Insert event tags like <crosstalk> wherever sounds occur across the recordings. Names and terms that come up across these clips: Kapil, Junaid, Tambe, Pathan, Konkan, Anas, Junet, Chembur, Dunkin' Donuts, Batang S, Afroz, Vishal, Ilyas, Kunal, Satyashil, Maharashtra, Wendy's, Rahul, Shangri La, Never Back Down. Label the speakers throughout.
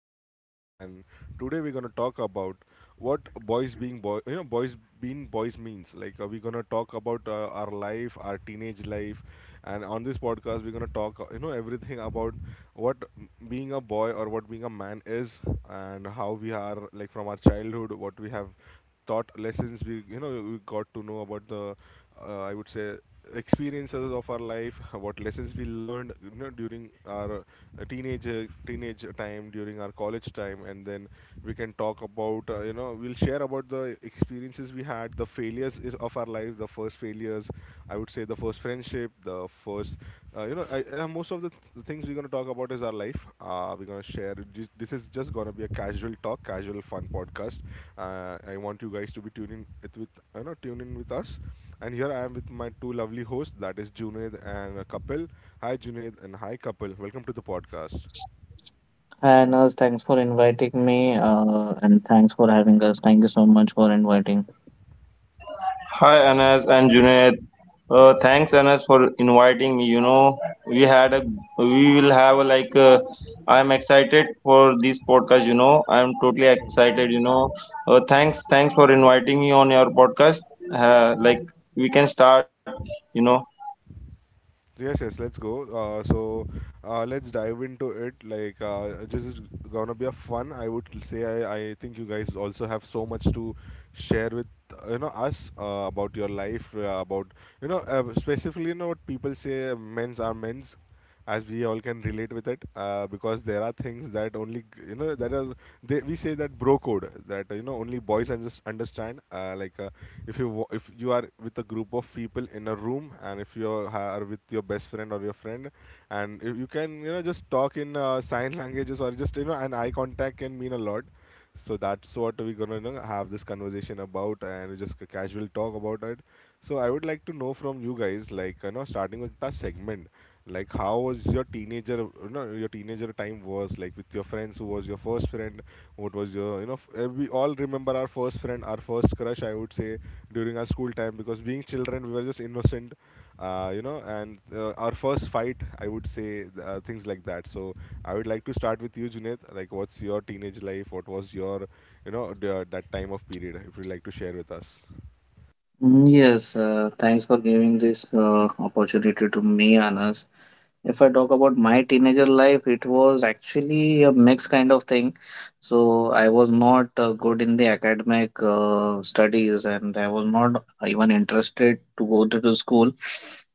Speaker 1: your host Anas, and today we're going to talk about what boys being boy, boys being boys means. We're going to talk about our life, our teenage life. And on this podcast we're going to talk, everything about what being a boy or what being a man is, and how we are like from our childhood, what we have taught lessons, we got to know about the I would say experiences of our life. <laughs> What lessons we learned, during our teenage time, during our college time. And then we can talk about, we'll share about the experiences we had, the of our life, the first failures, I would say, the first friendship, the first, most of the, the things we're gonna talk about is our life. We're gonna share. This is just gonna be a casual talk, casual fun podcast. I want you guys to be tuning it with, tune in with us. And here I am with my two lovely hosts, that is Junaid and Kapil. Hi, Junaid, and hi, Kapil. Welcome to the podcast.
Speaker 2: Hi, Anas. Thanks for inviting me, and thanks for having us. Thank you so much for inviting.
Speaker 3: Hi Anas and Junaid. Thanks Anas for inviting me. We had a we will have a, Like I'm excited for this podcast. I'm totally excited. Thanks for inviting me on your podcast. Like we can start. You know.
Speaker 1: Yes, yes, let's go. Let's dive into it. This is gonna be a fun. I would say I think you guys also have so much to share with us about your life, about specifically, what people say men's are men's, as we all can relate with it, because there are things that only that is they, we say that bro code that, only boys understand. If if you are with a group of people in a room, and if you are with your best friend or your friend, and if you can just talk in sign languages, or just, an eye contact can mean a lot. So that's what we're gonna, have this conversation about, and just a casual talk about it. So I would like to know from you guys, starting with the segment, like how was your teenager, your teenager time was like, with your friends, who was your first friend, what was your, we all remember our first friend, our first crush, I would say, during our school time, because being children we were just innocent. You know, and Our first fight, I would say, things like that. So I would like to start with you, Junaid. Like, what's your teenage life? What was your, the, that time of period, if you'd like to share with us.
Speaker 2: Yes, thanks for giving this opportunity to me, Anas. If I talk about my teenager life, it was actually a mixed kind of thing. So I was not good in the academic studies, and I was not even interested to go to school.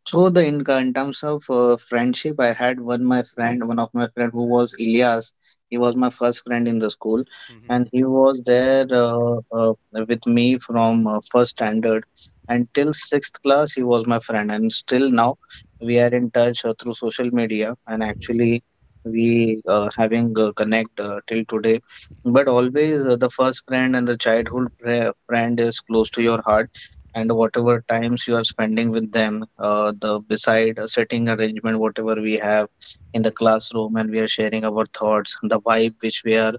Speaker 2: So the in terms of friendship, I had one of my friend who was Ilyas. He was my first friend in the school,
Speaker 1: Mhm.
Speaker 2: and he was there with me from first standard until sixth class. He was my friend, and still now we are in touch through social media, and actually we having connect till today. But always the first friend and the childhood friend is close to your heart, and whatever times you are spending with them, the beside a sitting arrangement, whatever we have in the classroom, and we are sharing our thoughts, the vibe which we are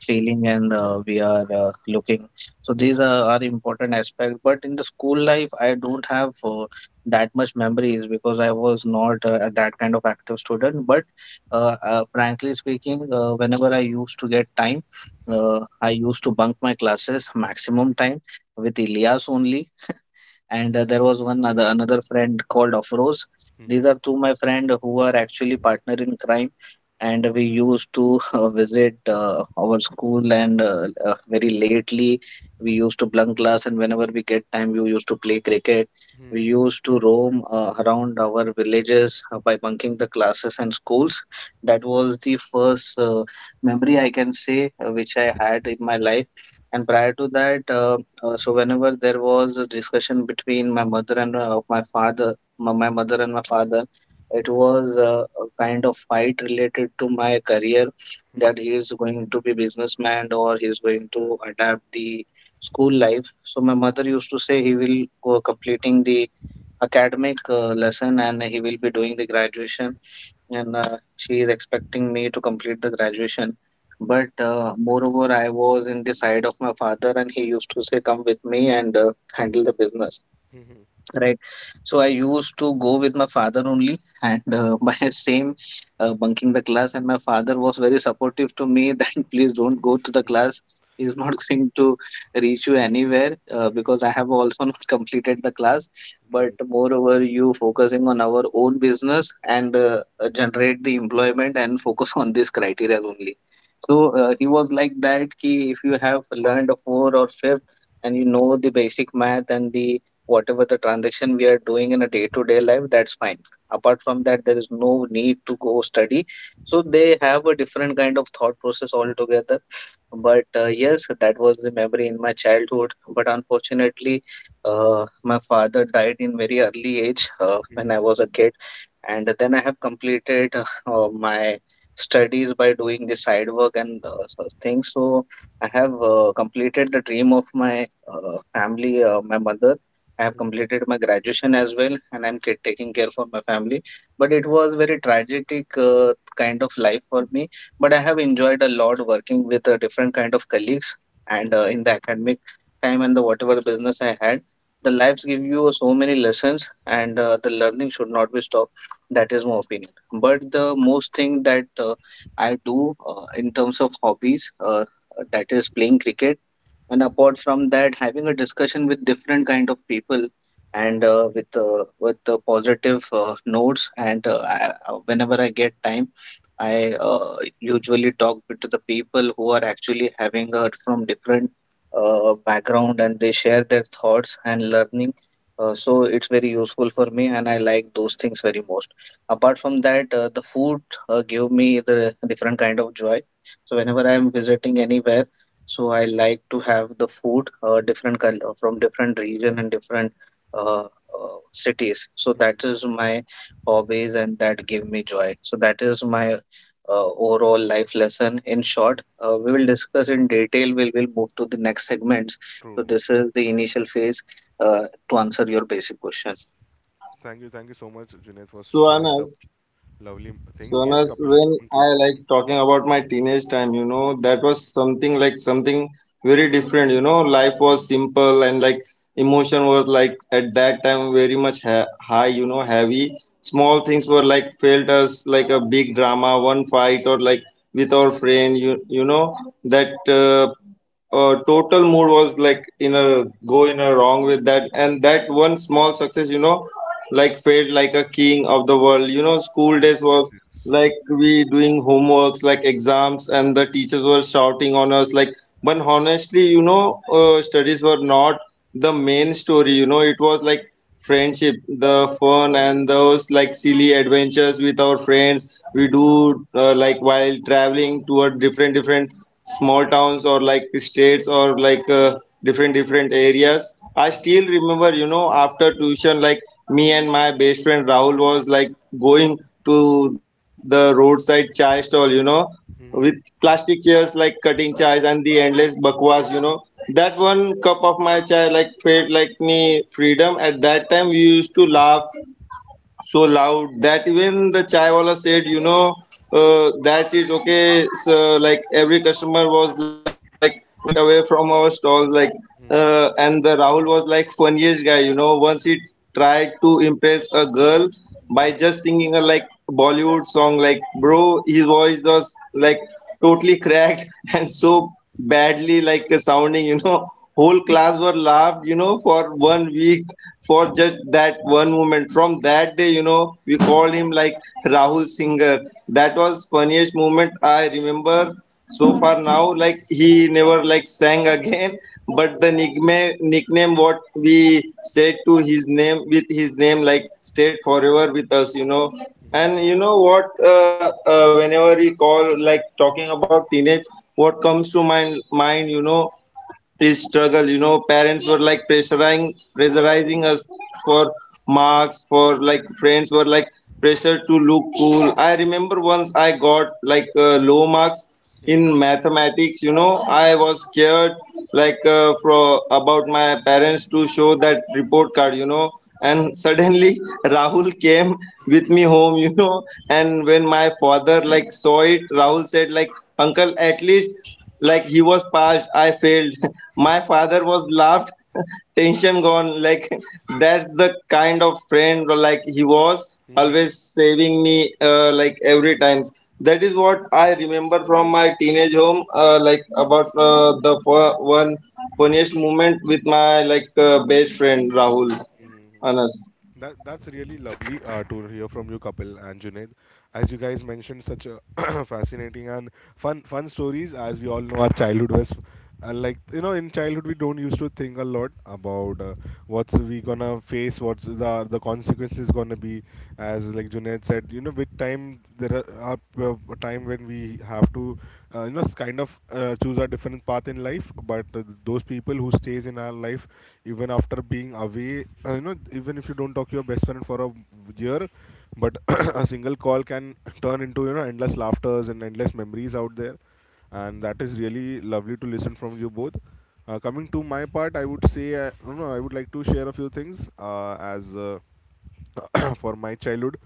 Speaker 2: feeling and we are looking. So are important aspects. But in the school life, I don't have that much memories because I was not that kind of active student. But frankly speaking, whenever I used to get time,
Speaker 1: Mhm.
Speaker 2: I used to bunk my classes maximum time with Ilyas only, and there was one other
Speaker 1: Yes.
Speaker 2: another friend called Afroz. These
Speaker 1: Mhm.
Speaker 2: are two my friend who are actually partner in crime, and we used to <laughs> visit our school and very lately we used to bunk class, and whenever we get time we used to play cricket. We
Speaker 1: Mhm.
Speaker 2: used to roam around our villages by bunking the classes and schools. That was the first memory I can say which I had in my life, and prior to that, so whenever there was a discussion between my mother and my father, my mother and my father, it was a kind of fight related to my career,
Speaker 1: Mhm.
Speaker 2: that he is going to be businessman or he is going to adapt the school life. So my mother used to say he will go completing the academic lesson, and he will be doing the graduation, and she is expecting me to complete the graduation. But moreover, I was in the side of my father, and he used to say, "Come with me and handle the business."
Speaker 1: Mhm.
Speaker 2: Right. So I used to go with my father only, and <laughs> by same bunking the class. And my father was very supportive to me that <laughs> please don't go to the class. He's not <laughs> going to reach you anywhere
Speaker 1: Mhm.
Speaker 2: because I have also not <laughs> completed the class. But
Speaker 1: True.
Speaker 2: moreover, you focusing on our own business and generate the employment and <laughs> focus on this criteria only. So he was like that. Ki if you have learned a four or fifth and you know the basic math and the whatever the transaction we are doing in a day-to-day life, that's fine. Apart from that, there is no need to go study. So they have a different kind of thought process altogether. But yes, that was the memory in my childhood. But unfortunately, my father died in very early age when I was a kid, and then I have completed my studies by doing the side work and such things. So I have completed the dream of my family, my mother. I have completed my graduation as well, and I'm taking care for my family. But it was very tragic kind of life for me. But I have enjoyed a lot working with different kind of colleagues and in the academic time and the whatever business I had. The lives give you so many lessons, and the learning should not be stopped. That is my opinion. But the most thing that I do in terms of hobbies, that is playing cricket. And apart from that, having a discussion with different kind of people and with the positive notes, and whenever I get time, I usually talk with to the people who are actually having heard from different background, and they share their thoughts and learning. So it's very useful for me, and I like those things very most. Apart from that, the food give me the different kind of joy. So whenever I'm visiting anywhere, so I like to have the food different color from different region and different cities. So
Speaker 1: Mhm.
Speaker 2: that is my hobbies, and that give me joy. So that is my overall life lesson. In
Speaker 1: Mhm.
Speaker 2: short, we will discuss in detail. We will move to the next segments. So
Speaker 1: True.
Speaker 2: this is the initial phase to answer your basic questions.
Speaker 1: Thank you. Thank you so much, Junaid, for
Speaker 3: So,
Speaker 1: sharing some
Speaker 3: Anas,
Speaker 1: lovely things. Yes,
Speaker 3: Sonas,
Speaker 1: Kapil,
Speaker 3: when
Speaker 1: coming to you.
Speaker 3: I like talking about my teenage time, that was something like something very different. Life was simple, and like emotion was like at that time very much high, heavy. Small things were like felt as like a big drama, one fight or like with our friend, that total mood was like in a wrong with that. And that one small success, like felt like a king of the world. School
Speaker 1: Yes,
Speaker 3: days were
Speaker 1: yes,
Speaker 3: like
Speaker 1: yes.
Speaker 3: we doing homeworks, like exams, and the teachers were shouting on us like. But honestly, studies were not the main story. It was like friendship, the fun, and those like silly adventures with our friends we do, like, while traveling toward different different small towns, or like states, or like different different areas. I
Speaker 1: Mhm.
Speaker 3: still remember, after tuition, like, me and my best friend Rahul was like going to the roadside chai stall, with
Speaker 1: Mhm.
Speaker 3: plastic chairs, like cutting chais and the endless bakwas. That one cup of my chai like felt like me freedom. At that time, we used to laugh so loud that even the chaiwala said, that's it. Okay, so like every customer was like went away from our stall, like,
Speaker 1: Mhm.
Speaker 3: and the Rahul was like funniest guy. Once he tried to impress a girl by
Speaker 1: Mhm.
Speaker 3: just singing a, like, Bollywood song, like bro, his voice was like totally cracked <laughs> and
Speaker 1: Mhm. Mhm.
Speaker 3: so badly like a sounding <laughs> whole class were laughed, for
Speaker 1: Mhm.
Speaker 3: one week, for just that one moment. From that day, we called him like Rahul singer. That was funniest moment I remember so far. Now like he never like sang again <laughs> but the nickname what we said to his name, with his name, like stayed forever with us. And
Speaker 1: Mhm.
Speaker 3: you know what, whenever we call, like, talking about teenage, what comes to my mind, is struggle. Parents were like pressurizing us for marks, for like friends were like pressure to look cool. I remember once I got like low marks in mathematics. I was scared, like for about my parents, to show that report card. And suddenly Rahul came with me home. And when my father like saw it, Rahul said like, uncle, at least like he was passed, I failed. <laughs> My father was laughed. <laughs> Tension gone like. <laughs> That's the kind of friend like he was,
Speaker 1: Mhm. Mhm.
Speaker 3: always saving me, like every time. That is what I remember from my teenage home, like about the one funniest moment with my, like, best friend Rahul, Anas.
Speaker 1: That's really lovely to hear from you, Kapil and Junaid. As you guys mentioned, such a <coughs> <clears throat> fascinating and fun stories. As we all know, our childhood was, and in childhood we don't used to think a lot about, what's we gonna face, what's the consequences gonna be. As like Junaid said, with time there are a time when we have to, kind of choose a different path in life. But those people who stays in our life, even after being away, even if you don't talk to your best friend for a year, but <clears throat> a single call can turn into, endless laughters and endless memories out there. And that is really lovely to listen from you both. Coming to my part, I would say, no, I would like to share a few things as <coughs> <clears throat> for my childhood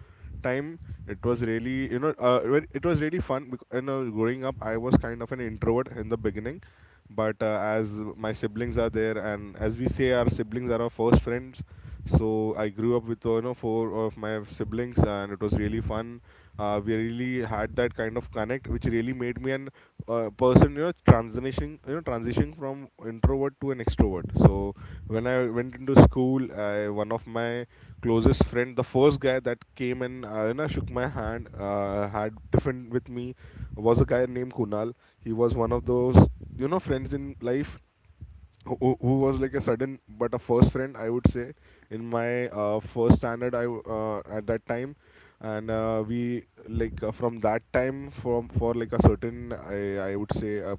Speaker 1: time. It was really, it was really fun. Because, growing up, I was kind of an introvert in the beginning. But as my siblings are there, and as we say, our siblings are our first friends. So I grew up with, four of my siblings, and it was really fun. We really had that kind of connect, which really made me an person, transitioning from introvert to an extrovert. So when I went into school, one of my closest friend, the first guy that came and, shook my hand, had different with me, was a guy named Kunal. He was one of those, friends in life who, who was like a sudden but a first friend, I would say. In my first standard at that time. And we like, from that time, from for like a certain, I would say, uh,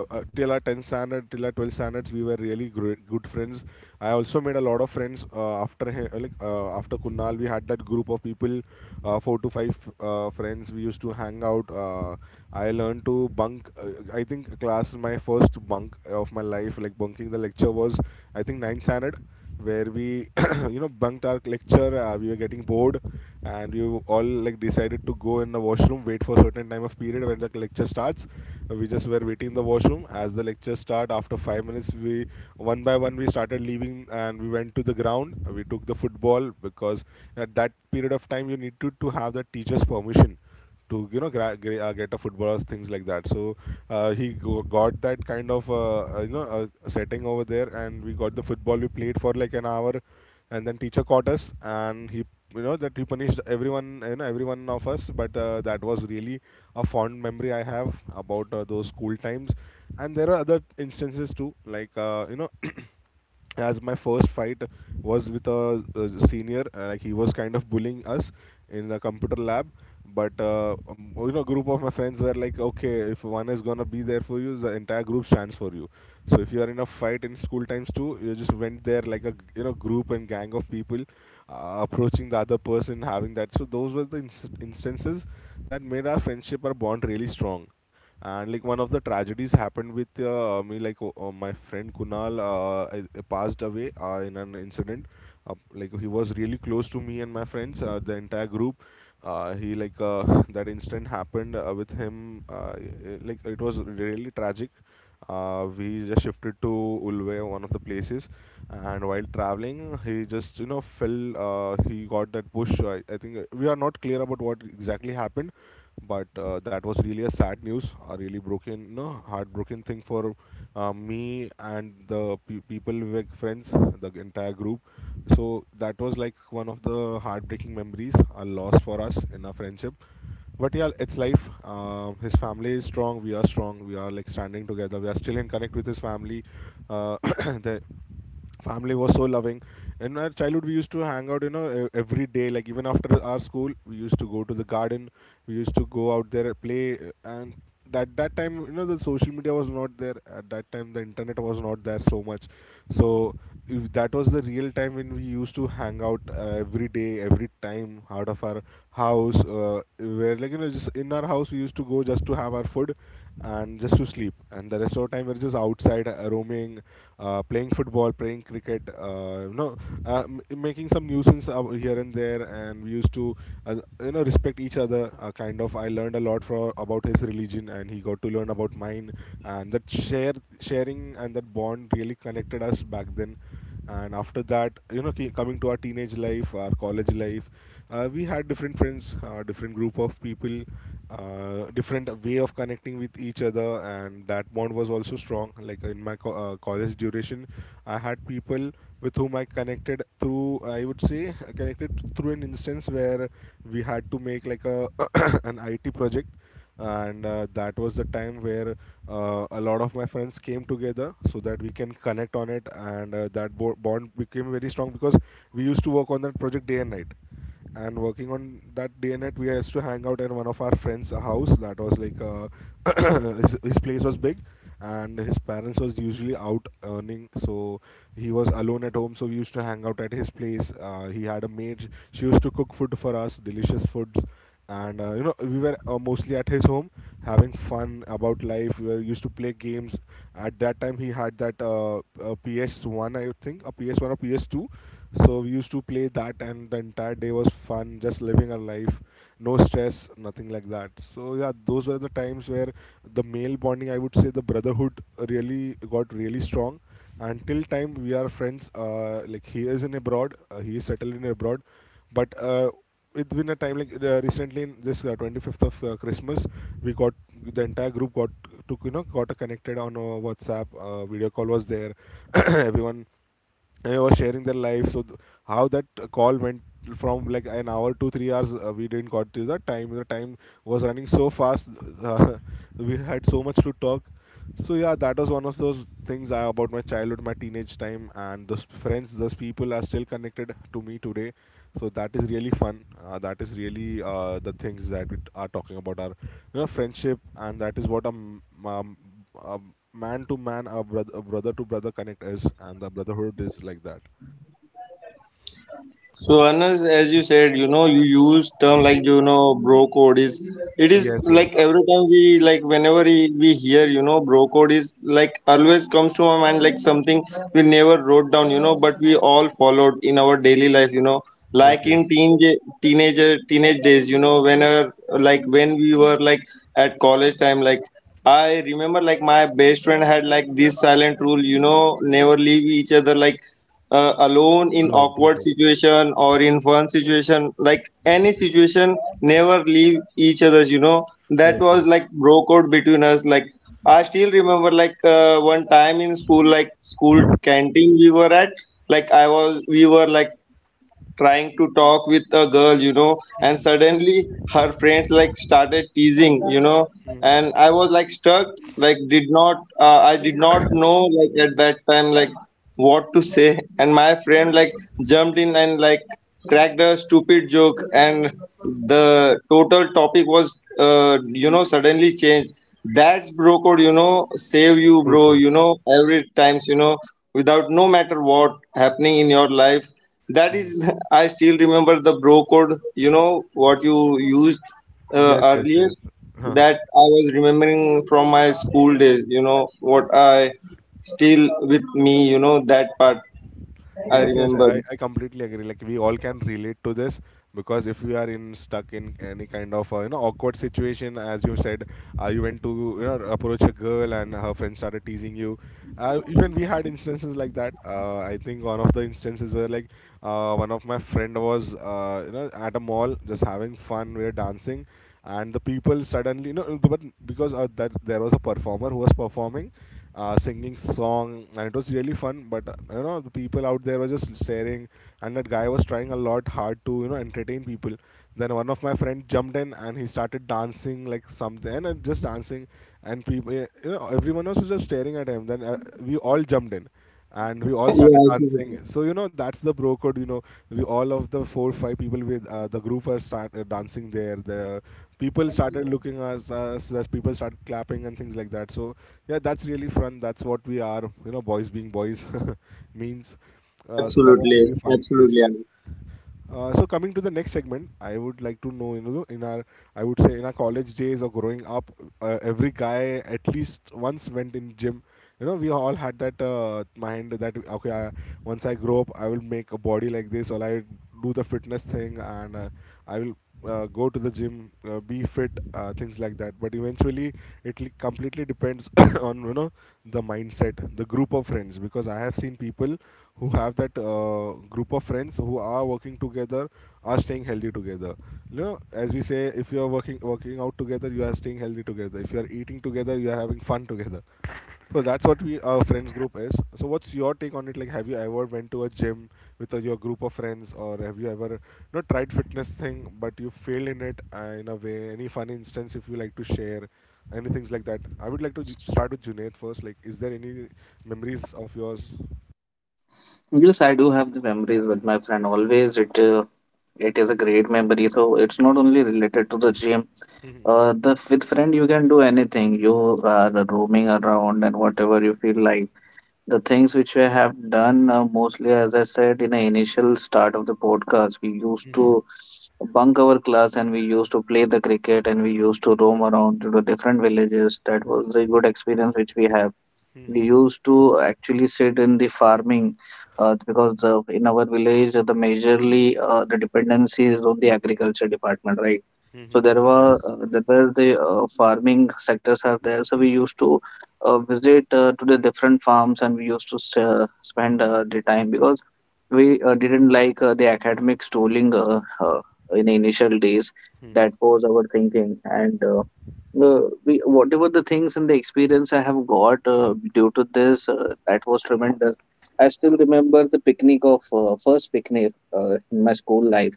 Speaker 1: uh, uh, till our 10th standard, till our 12th standards, we were really great, good friends. I also made a lot of friends after he- like after Kunal. We had that group of people, four to five friends, we used to hang out. I learned to bunk. I think class, my first bunk of my life, like bunking the lecture, was, I think, ninth standard, where we <coughs> <clears throat> bunked our lecture. We were getting bored, and we all like decided to go in the washroom, wait for a certain time of period when the lecture starts. We just were waiting in the washroom as the lecture start. After 5 minutes, we, one by one, we started leaving, and we went to the ground. We took the football, because at that period of time you need to have the teacher's permission to, get a football or things like that. So got that kind of, setting over there, and we got the football, we played for like an hour, and then teacher caught us, and he, that he punished everyone, everyone of us. But that was really a fond memory I have about those school times. And there are other instances too, <clears throat> as my first fight was with a senior, like he was kind of bullying us in the computer lab. But group of my friends were like, okay, if one is gonna be there for you, the entire group stands for you. So if you are in a fight in school times too, you just went there like a, group and gang of people approaching the other person, having that. So those were the instances that made our friendship, our bond, really strong. And like one of the tragedies happened with, me, like my friend Kunal, passed away in an incident. Like, he was really close to me and my friends, the entire group. He like <laughs> That incident happened with him. Like, it was really tragic. We just shifted to Ulve, one of the places, and while traveling, he just, fell. He got that push. I think, we are not clear about what exactly happened, but that was really a sad news, a really broken, no, heartbroken thing for, me and the people with friends, the entire group. So that was like one of the heartbreaking memories, a loss for us in our friendship. But yeah, it's life. Um, his family is strong, we are strong, we are like standing together, we are still in connect with his family. uh, <coughs> <clears throat> the family was so loving. In our childhood we used to hang out, every day, like even after our school we used to go to the garden, we used to go out there play, and that time, the social media was not there at that time, the internet was not there so much. So if that was the real time when we used to hang out, every day, every time out of our house, where, just in our house we used to go just to have our food and just to sleep. And the rest of the time we're just outside roaming, playing football, playing cricket, making some nuisance here and there. And we used to, uh, respect each other. Kind of, I learned a lot for about his religion, and he got to learn about mine. And that share sharing and that bond really connected us back then. And after that, coming to our teenage life, our college life, we had different friends, different group of people, different way of connecting with each other, and that bond was also strong, like in my college duration. I had people with whom I connected through, I would say, connected through an instance where we had to make like a <clears throat> <laughs> <coughs> an IT project, and that was the time where a lot of my friends came together so that we can connect on it, and that bond became very strong because we used to work on that project day and night. And working on that day and night, we used to hang out at one of our friends house. That was like <coughs> <clears throat> his place was big, and his parents was usually out earning, so he was alone at home, so we used to hang out at his place. He had a maid, she used to cook food for us, delicious foods, and we were mostly at his home having fun about life. We were used to play games. At that time he had that PS1, I think, a PS1 or PS2. So we used to play that, and the entire day was fun, just living our life, no stress, nothing like that. So yeah, those were the times where the male bonding, I would say, the brotherhood really got really strong. And till time we are friends. Like he is in abroad, he is settled in abroad, but it's been a time like recently, in this 25th of Christmas, we got the entire group got took you know got connected on WhatsApp. Video call was there. <coughs> <clears throat> Everyone, they was sharing their life, so how that call went from like an hour to 3 hours. We didn't got to the time was running so fast. uh, <laughs> we had so much to talk. So yeah, that was one of those things, I, about my childhood, my teenage time, and those friends, those people are still connected to me today. So that is really fun, that is really, the things that are talking about are, you know, friendship, and that is what a man to man, a brother to brother connect is, and the brotherhood is like that.
Speaker 3: So Anas, as you said, you use term like, bro code is. It is
Speaker 1: Yes,
Speaker 3: like
Speaker 1: yes,
Speaker 3: every time we like whenever we hear, bro code is like always comes to my mind, like something we never wrote down, but we all followed in our daily life,
Speaker 1: yes,
Speaker 3: like in
Speaker 1: yes.
Speaker 3: teenage days, whenever like when we were like at college time, like I remember like my best friend had like this silent rule, never leave each other, like alone in
Speaker 1: Alone, true,
Speaker 3: awkward
Speaker 1: true.
Speaker 3: situation or in fun situation, like any situation, never leave each other's. That
Speaker 1: Yes,
Speaker 3: was
Speaker 1: yes, yes.
Speaker 3: like broke out between us like. I still remember, like one time in school, like school canteen we were at, like I was we were like trying to talk with a girl. And suddenly her friends like started teasing, and I was like stuck. Like, did not, I did not know, like, at that time, like, what to say. And my friend like jumped in, and like cracked a stupid joke, and the total topic was, suddenly changed. That's bro code, save you
Speaker 1: True,
Speaker 3: bro,
Speaker 1: true.
Speaker 3: every times, without, no matter what happening in your life. That
Speaker 1: Mhm.
Speaker 3: is, <laughs> I still remember the bro code, what you used,
Speaker 1: Yes, yes,
Speaker 3: earliest.
Speaker 1: yes.
Speaker 3: That
Speaker 1: <laughs>
Speaker 3: I was remembering from my school days, what I still with me, that part I
Speaker 1: Yes, yes,
Speaker 3: remember.
Speaker 1: I completely agree. Like we all can relate to this because if you are in stuck in any kind of awkward situation, as you said, you went to approach a girl and her friend started teasing you. Even we had instances like that. I think one of the instances where one of my friend was at a mall just having fun, we were dancing, and the people suddenly, but because that there was a performer who was performing, singing song, and it was really fun, but the people out there were just staring, and that guy was trying a lot hard to entertain people. Then one of my friend jumped in and he started dancing, like something, and just dancing, and people, everyone was just staring at him. Then we all jumped in, and we all
Speaker 3: <laughs>
Speaker 1: started
Speaker 3: Yeah,
Speaker 1: dancing.
Speaker 3: absolutely.
Speaker 1: So you know, that's the bro code. You know, we all of the four five people with the group are start dancing there. The people started looking us, as people started clapping and things like that. So yeah, that's really fun. That's what we are. You know, boys being boys <laughs> means.
Speaker 3: Yeah,
Speaker 1: So that was
Speaker 3: absolutely.
Speaker 1: really fun. Yes,
Speaker 3: Absolutely,
Speaker 1: yes.
Speaker 3: Anas.
Speaker 1: So coming to the next segment, I would like to know, you know, in our, I would say in our college days or growing up, every guy at least once went in gym. You know, we all had that mind that okay, I, once I grow up, I will make a body like this, or I do the fitness thing, and I will go to the gym, be fit, things like that. But eventually, completely depends <coughs> on, you know, the mindset, the group of friends. Because I have seen people who have that group of friends who are working together, are staying healthy together. You know, as we say, if you are working out together, you are staying healthy together. If you are eating together, you are having fun together, so that's what we our friends group is. So what's your take on it? Like, have you ever went to a gym with your group of friends, or have you ever not tried fitness thing, but you failed in it in a way? Any fun instance if you like to share, any things like that? I would like to start with Junaid first. Like, is there any memories of yours?
Speaker 2: Yes, I do have the memories with my friend. Always it is a great memory. So it's not only related to the gym.
Speaker 1: Hmm.
Speaker 2: The with friend, you can do anything. You are roaming around and whatever you feel like. The things which we have done mostly, as I said in the initial start of the podcast, we used to
Speaker 1: Hmm.
Speaker 2: bunk our class and we used to play the cricket and we used to roam around to the different villages. That was a good experience which we have. We
Speaker 1: Hmm.
Speaker 2: used to actually sit in the farming, because in our village the majorly the dependency is on the agriculture department, right? So
Speaker 1: Hmm. Yes.
Speaker 2: there were the farming sectors are there, so we used to visit to the different farms, and we used to spend the time because we didn't like the academic schooling in the initial days.
Speaker 1: Hmm.
Speaker 2: That was our thinking, and we, whatever the things and the experience I have got due to this, that was tremendous. I still remember the picnic of first picnic in my school life,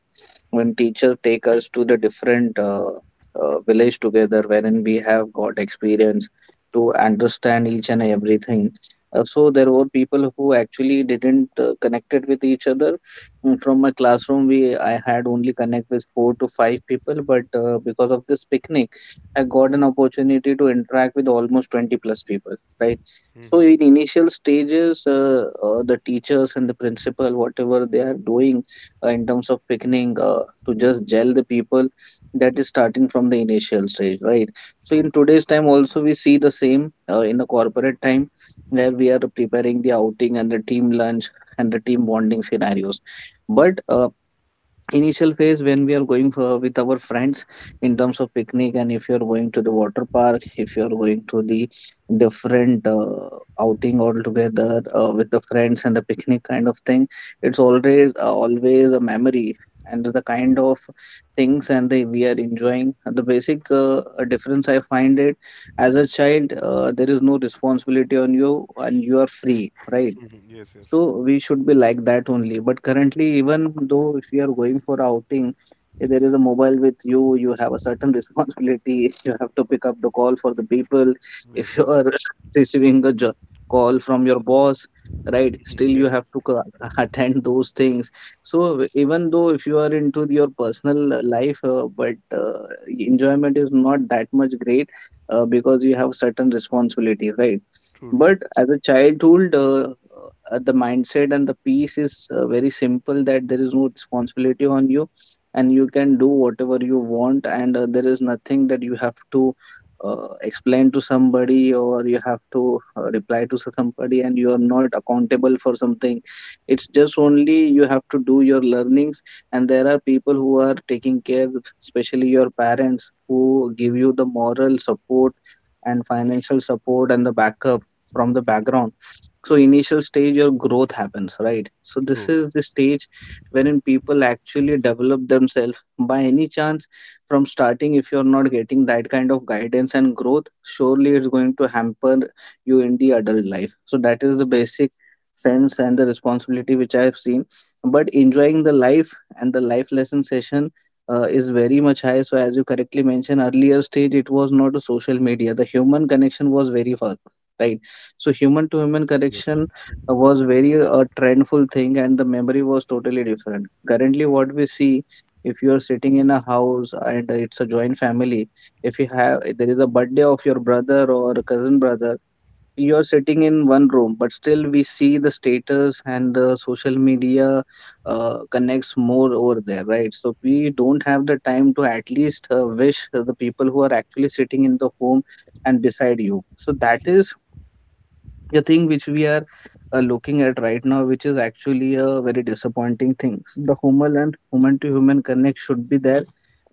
Speaker 2: when teachers take us to the different village together, wherein we have got experience to understand each and everything. So there were people who actually didn't connected with each other. From my classroom, we I had only connect with four to five people, but because of this picnic I got an opportunity to interact with almost 20 plus people, right? So
Speaker 1: Hmm.
Speaker 2: in initial stages, the teachers and the principal, whatever they are doing in terms of picking to just gel the people, that is starting from the initial stage, right? So
Speaker 1: True.
Speaker 2: in today's time also, we see the same in the corporate time, where
Speaker 1: Hmm.
Speaker 2: we are preparing the outing and the team lunch and the team bonding scenarios. But initial phase, when we are going for with our friends in terms of picnic, and if you're going to the water park, if you're going to the different outing altogether with the friends and the picnic kind of thing, it's always always a memory, and the kind of things and the we are enjoying the basic difference I find it. As a child, there is no responsibility on you and you are free, right?
Speaker 1: Hmm. Yes. Yes.
Speaker 2: So we should be like that only. But currently, even though if you are going for outing, if there is a mobile with you, you have a certain responsibility. <laughs> You have to pick up the call for the people.
Speaker 1: Yes.
Speaker 2: If you
Speaker 1: Yes.
Speaker 2: are <laughs> receiving a call from your boss, right, still
Speaker 1: Hmm.
Speaker 2: you
Speaker 1: Yes.
Speaker 2: have to <laughs> attend those things. So even though if you are into your personal life, but enjoyment is not that much great because you have certain responsibilities, right?
Speaker 1: True. True.
Speaker 2: But as a childhood, the mindset and the peace is very simple, that there is no responsibility on you, and you can do whatever you want, and there is nothing that you have to explain to somebody or you have to reply to somebody, and you are not accountable for something. It's just only you have to do your learnings, and there are people who are taking care, especially your parents, who give you the moral support and financial support and the backup from the background. So initial stage your growth happens, right? So this
Speaker 1: True. True.
Speaker 2: is the stage wherein people actually develop themselves. By any chance, from starting if you're not getting that kind of guidance and growth, surely it's going to hamper you in the adult life. So that is the basic sense and the responsibility which I have seen, but enjoying the life and the life lesson session is very much high. So as you correctly mentioned, earlier stage it was not a social media, the human connection was very far, right? So human to human
Speaker 1: Yes.
Speaker 2: connection was very a trendful thing, and the memory was totally different. Currently, what we see, if you are sitting in a house and it's a joint family, if you have there is a birthday of your brother or cousin brother, you are sitting in one room, but still we see the status and the social media connects more over there, right? So we don't have the time to at least wish the people who are actually sitting in the home and beside you. So that
Speaker 1: True.
Speaker 2: is the thing which we are looking at right now, which is actually a very disappointing thing. The human and human to human connect should be there,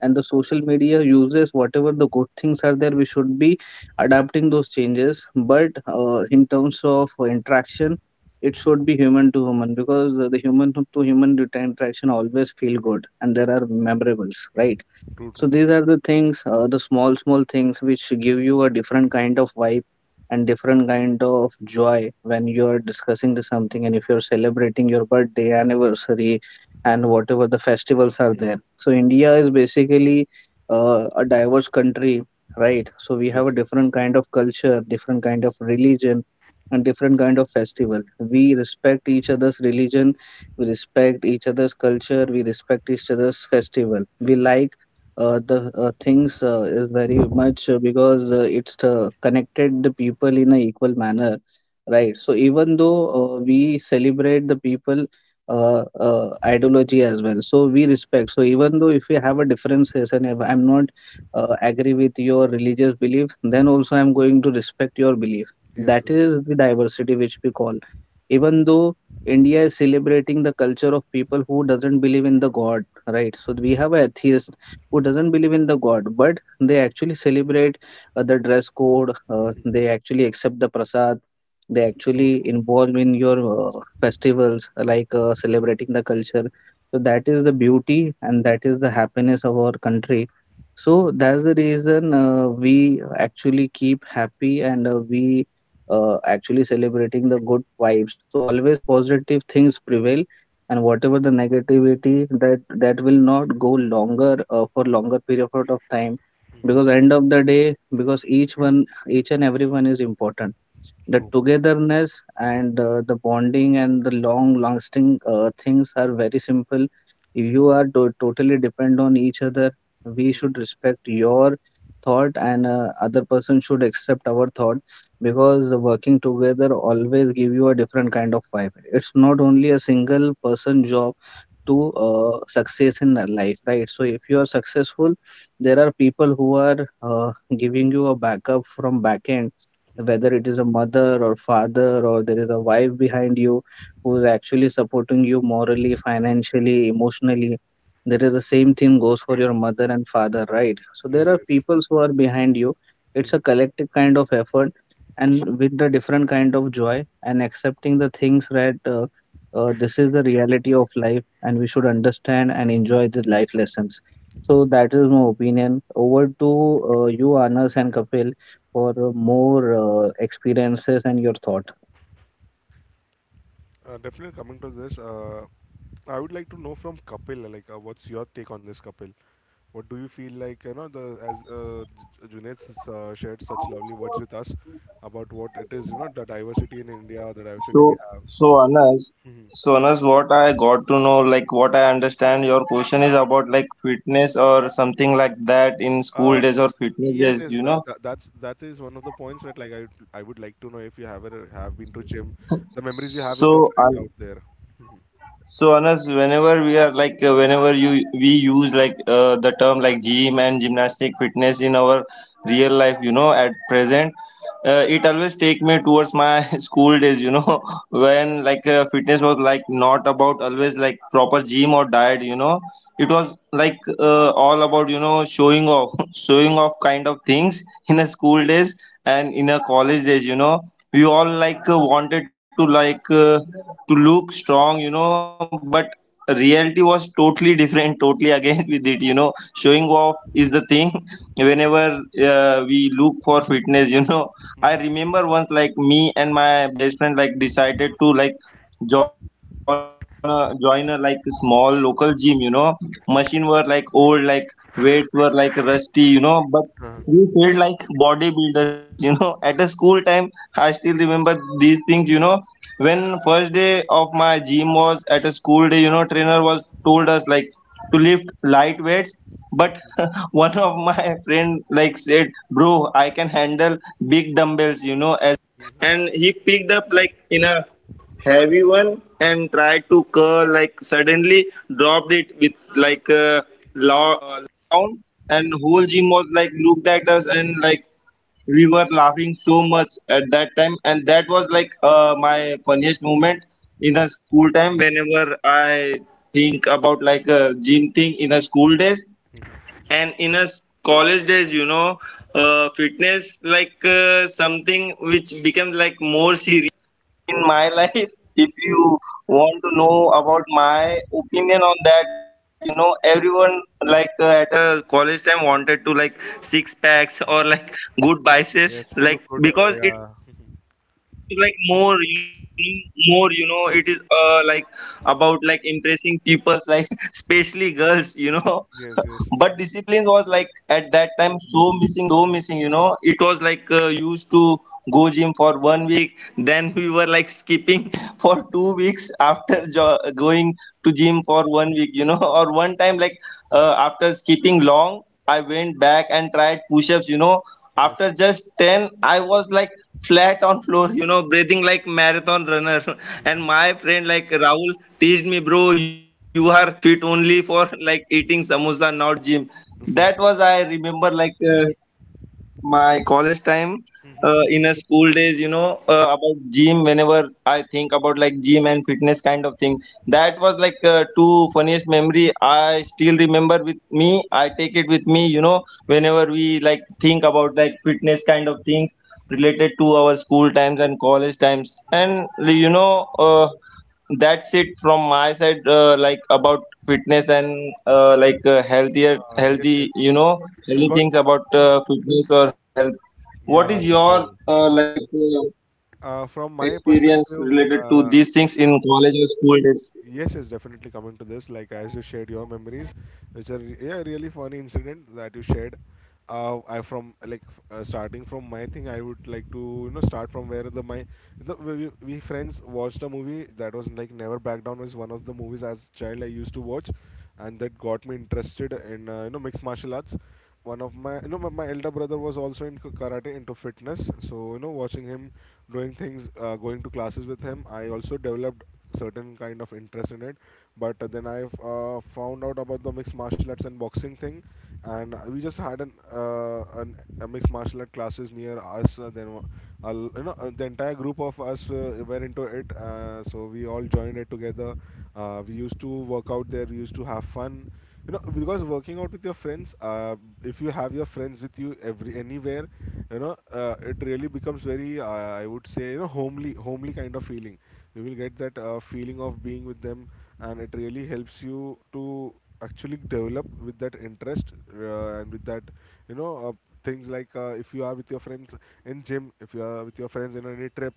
Speaker 2: and the social media uses whatever the good things are there, we should be adapting those changes, but in terms of interaction, it should be human to human because the human to human interaction always feel good, and there are memorables, right?
Speaker 1: True,
Speaker 2: So
Speaker 1: true.
Speaker 2: these are the things, the small, small things which give you a different kind of vibe and different kind of joy when you are discussing the something, and if you're celebrating your birthday, anniversary, and whatever the festivals are there. So India is basically a diverse country, right? So we have a
Speaker 1: Yes, yes.
Speaker 2: different kind of culture, different kind of religion, and different kind of festival. We respect each other's religion, we respect each other's culture, we respect each other's festival. We like the things is very much because it's connected the people in an equal manner, right? So even though we celebrate the people ideology as well, so we respect. So even though if we have a differences and if I'm not agree with your religious belief, then also I'm going to respect your belief.
Speaker 1: Yes,
Speaker 2: That is the diversity which we call. Even though India is celebrating the culture of people who doesn't believe in the God, right? So we have atheists who doesn't believe in the god, but they actually celebrate the dress code,
Speaker 1: yes.
Speaker 2: they actually accept the prasad, they
Speaker 1: True,
Speaker 2: actually
Speaker 1: true.
Speaker 2: involve in your festivals, like celebrating the culture. So that is the beauty and that is the happiness of our country. So that's the reason we actually keep happy, and we actually celebrating the good vibes. So always positive things prevail, and whatever the negativity, that will not go longer for longer period of time, because end of the day, because each one, each and everyone is important, the
Speaker 1: True.
Speaker 2: togetherness and the bonding and the long lasting things are very simple. You are totally depend on each other. We should respect your thought and other person should accept our thought, because the working together always give you a different kind of vibe. It's not only a single person job to success in the life, right? So if you are successful, there are people who are giving you a backup from back end, whether it is a mother or father or there is a wife behind you who is actually supporting you morally, financially, emotionally. There is the same thing goes for your mother and father, right? So there
Speaker 1: Yes,
Speaker 2: are
Speaker 1: yes.
Speaker 2: peoples who are behind you. It's
Speaker 1: Mm.
Speaker 2: a collective kind of effort, and with the different kind of joy and accepting the things that this is the reality of life, and we should understand and enjoy the life lessons. So that is my opinion, over to you, Anas and Kapil, for more experiences and your thought.
Speaker 1: Definitely coming to this, I would like to know from Kapil, like, what's your take on this, Kapil? What do you feel like, you know, the, as Junaid shared such lovely words with us about what it is, you know, the diversity in India, the
Speaker 3: So,
Speaker 1: diversity we have.
Speaker 3: so Anas, so Anas, what I got to know, like what I understand, your question is about like fitness or something like that in
Speaker 1: Uh,
Speaker 3: school days or fitness
Speaker 1: Yes, yes,
Speaker 3: days, you know.
Speaker 1: that is one of the points that like I would like to know if you have ever have been to gym, the memories you have with your
Speaker 3: So,
Speaker 1: friend
Speaker 3: an.
Speaker 1: out
Speaker 3: So Anas, whenever you we use, like, the term like gym and gymnastic fitness in our real life, at present, it always take me towards my <laughs> school days, <laughs> when like fitness was like not about always like proper gym or diet, it was like, all about, showing off, <laughs> showing off kind of things in a school days and in a college days, we all like wanted to like. To look strong. But reality was totally different, totally again <laughs> with it. Showing off is the thing. <laughs> Whenever we look for fitness, I remember once, like, me and my best friend like decided to like join a like small local gym. Machine
Speaker 1: there.
Speaker 3: were like old, like weights were like rusty. But
Speaker 1: Okay.
Speaker 3: we felt like bodybuilders, <laughs> at a school time. I still remember these things. When first day of my gym was at a school day, trainer told us like to lift light weights. But <laughs> one of my <laughs> friend like said, bro, I can handle big dumbbells." at us, and like we were laughing so much at that time. And that was like my funniest moment in a school time whenever I think about like a gym thing in a school days. Want to know about my opinion on that? Everyone like, at college time, wanted to like six packs or like good
Speaker 1: Yes, to
Speaker 3: biceps,
Speaker 1: look good.
Speaker 3: like because it is
Speaker 1: Yeah.
Speaker 3: like more, it is, like about like impressing people, like <laughs> especially girls. But discipline
Speaker 1: Yes,
Speaker 3: was
Speaker 1: yes,
Speaker 3: like
Speaker 1: yes.
Speaker 3: at that time so missing. It was like used to go gym for one week, then we were like skipping <laughs> for 2 weeks after <laughs> going to gym for one week. <laughs> Or one time, like after skipping long, I went back and tried push-ups.
Speaker 1: Yes,
Speaker 3: After just 10, I was like flat on floor, breathing like marathon runner. <laughs> And my friend like Rahul teased me, bro, you are fit only for like eating samosa, not gym. That was I remember, like my college time, in a school days, about gym. Whenever I think about like gym and fitness kind of thing, that was like two funniest memory I still remember with me. I take it with me, whenever we like think about like fitness kind of things
Speaker 1: true, true.
Speaker 3: related to our school times and college times, and you know uh, that's it from my side, like about fitness, and like healthier
Speaker 1: Yes, yes.
Speaker 3: healthy you know
Speaker 1: I got.
Speaker 3: healthy things about fitness or health. What
Speaker 1: Yeah,
Speaker 3: is your
Speaker 1: Kapil.
Speaker 3: like experience
Speaker 1: From my
Speaker 3: related to these
Speaker 1: perspective,
Speaker 3: things in
Speaker 1: uh,
Speaker 3: college or school days,
Speaker 1: Yes, yes, definitely coming to this. Like as you shared your memories, which are yeah really funny incident that you shared. I from starting from my thing, I would like to, you know, start from where the my the, we, we friends watched a movie that was, like, Never Back Down was one of the movies as child I used to watch, and that got me interested in mixed martial arts. One of my my elder brother was also into karate, into fitness, so you know, watching him doing things, going to classes with him, I also developed certain kind of interest in it. But then I found out about the mixed martial arts and boxing thing, and we just had an a mixed martial art classes near us. Then the entire group of us were into it, so we all joined it together. We used to work out there, we used to have fun. You know, because working out with your friends, if you have your friends with you every anywhere, you know, it really becomes very, I would say, you know, homely kind of feeling. You will get that feeling of being with them, and it really helps you to actually develop with that interest, and with that, you know uh, things like, if you are with your friends in gym, if you are with your friends in any trip,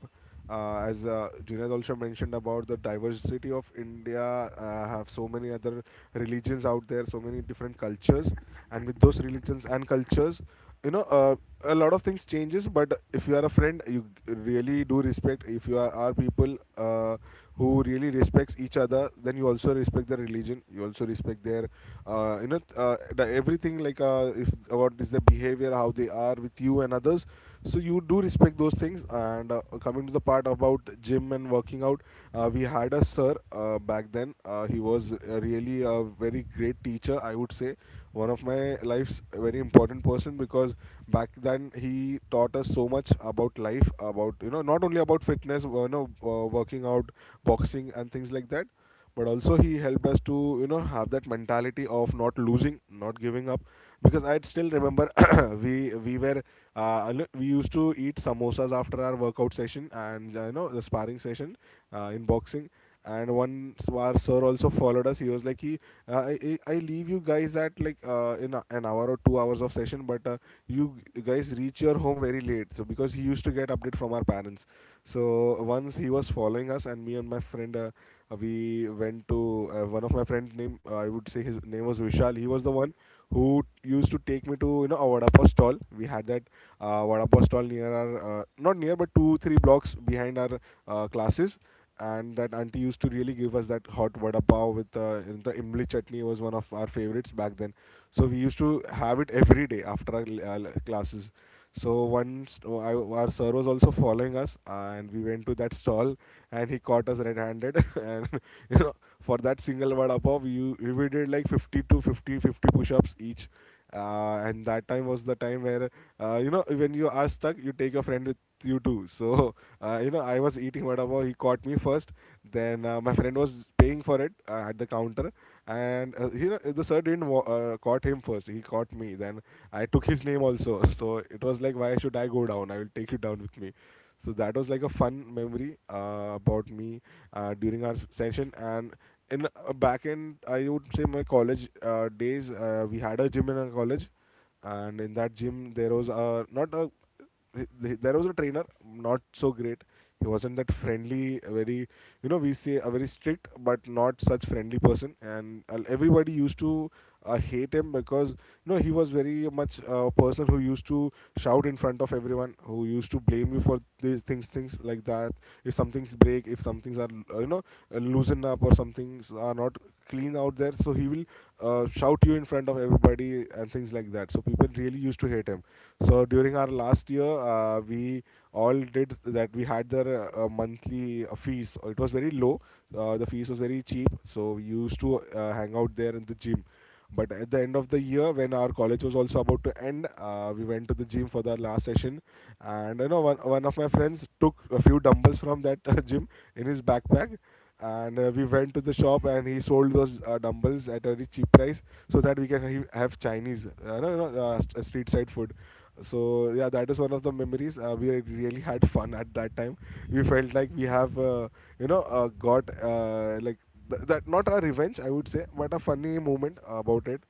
Speaker 1: as Junaid also mentioned about the diversity of India, have so many other religions out there, so many different cultures, and with those religions and cultures, you know, a lot of things changes. But if you are a friend, you really do respect. If you are people who really respects each other, then you also respect their religion. You also respect their, the, everything like, if about is their behavior, how they are with you and others, so you do respect those things. And coming to the part about gym and working out, we had a sir back then. He was really a very great teacher, I would say. One of my life's very important person, because back then he taught us so much about life, about, not only about fitness, working out, boxing, and things like that, but also he helped us to have that mentality of not losing, not giving up, because I still remember <coughs> <clears throat> we were, we used to eat samosas after our workout session and the sparring session in boxing. And once our sir also followed us. He was like, he I leave you guys at like in an hour or 2 hours of session, but you guys reach your home very late, so because he used to get update from our parents. So once he was following us, and me and my friend, we went to one of my friend name. I would say his name was Vishal. He was the one who used to take me to a vada pav stall. We had that vada pav stall near our not near but 2-3 blocks behind our classes, and that auntie used to really give us that hot vada pav with the imli chutney was one of our favorites back then. So we used to have it every day after our classes. So once, oh, I, our sir was also following us, and we went to that stall and he caught us red-handed <laughs> and you know for that single vada pav we did like 50 to 50 50 push-ups each. And that time was the time where, when you are stuck you take your friend with you too, so <laughs> I was eating whatever, he caught me first, then my friend was paying for it at the counter. And the sir didn't caught him first, he caught me then I took his name also <laughs> so it was like, why should I go down, I will take you down with me. So that was like a fun memory about me during our session. And in back end, I would say my college days, we had a gym in our college, and in that gym there was a not a, there was a trainer, not so great. He wasn't that friendly, a very, we say a very strict but not such friendly person. And everybody used to hate him, because he was very much a person who used to shout in front of everyone, who used to blame you for these things, things like that. If something's break, if some things are, uh, you know loosened up, or some things are not clean out there, so he will shout you in front of everybody and things like that. So people really used to hate him. So during our last year we all did that. We had their monthly fees. It was very low. The fees was very cheap, so we used to hang out there in the gym. But at the end of the year, when our college was also about to end, we went to the gym for the last session, and one of my friends took a few dumbbells from that <laughs> gym in his backpack. And we went to the shop and he sold those dumbbells at a very cheap price, so that we can have Chinese, no, no, street side food. So yeah, that is one of the memories. We had really had fun at that time. We felt like we have got like, that, not a revenge I would say, but a funny moment about it.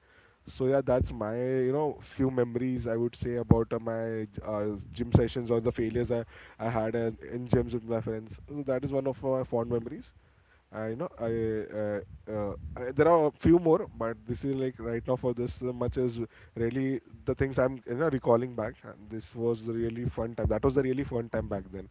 Speaker 1: So yeah, that's my, few memories I would say about my uh, gym sessions or the failures I had in gyms with my friends. So that is one of my fond memories. I know I, uh, there are a few more, but this is like right now for this much is really the things I'm recalling back. And this was the really fun time. That was the really fun time back then.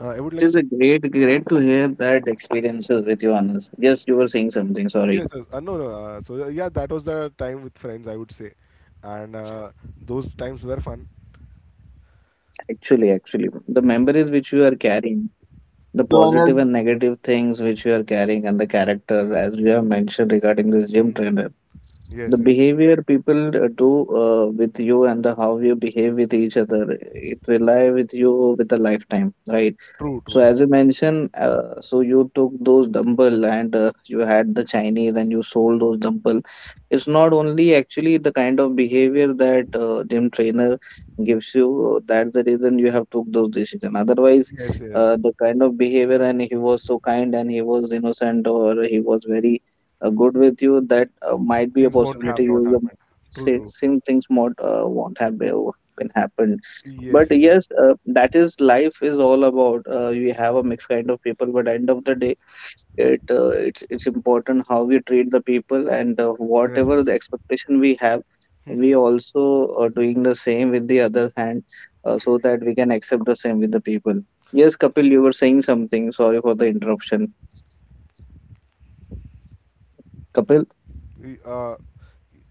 Speaker 1: I would
Speaker 2: It
Speaker 1: like,
Speaker 2: is a great, great to hear that experiences with you, Anas. Yes, you were
Speaker 1: yes,
Speaker 2: saying something. Sorry.
Speaker 1: yes. No, no. Yeah, that was the time with friends, I would say, and those times were fun.
Speaker 2: Actually, actually, the memories which you are carrying,
Speaker 3: so Anas?
Speaker 2: the positive and negative things which you are carrying, and the character, as you have mentioned regarding this gym trainer, the
Speaker 1: Yes, yes.
Speaker 2: behavior people do with you and the how you behave with each other, it will lie with you with a lifetime, right?
Speaker 1: True,
Speaker 2: So
Speaker 1: true.
Speaker 2: as you mentioned, so you took those dumbbell and you had the Chinese and you sold those dumbbell. It's not only actually the kind of behavior that gym trainer gives you. That's the reason you have took those decision. Otherwise,
Speaker 1: Yes, yes.
Speaker 2: the kind of behavior, and he was so kind and he was innocent or he was very good with you. That might be a
Speaker 1: Things won't
Speaker 2: possibility.
Speaker 1: have not
Speaker 2: You
Speaker 1: happened. True,
Speaker 2: say,
Speaker 1: true.
Speaker 2: same things might won't have been happened.
Speaker 1: Yes,
Speaker 2: But
Speaker 1: yes.
Speaker 2: yes, that is life is all about. We have a mixed kind of people, but end of the day, it's important how we treat the people and
Speaker 1: Yes,
Speaker 2: whatever the
Speaker 1: yes.
Speaker 2: expectation we have, we also are doing the same with the other hand, so that we can accept the same with the people. Yes, Kapil, you were saying something. Sorry for the interruption. Kapil?
Speaker 1: Y- uh,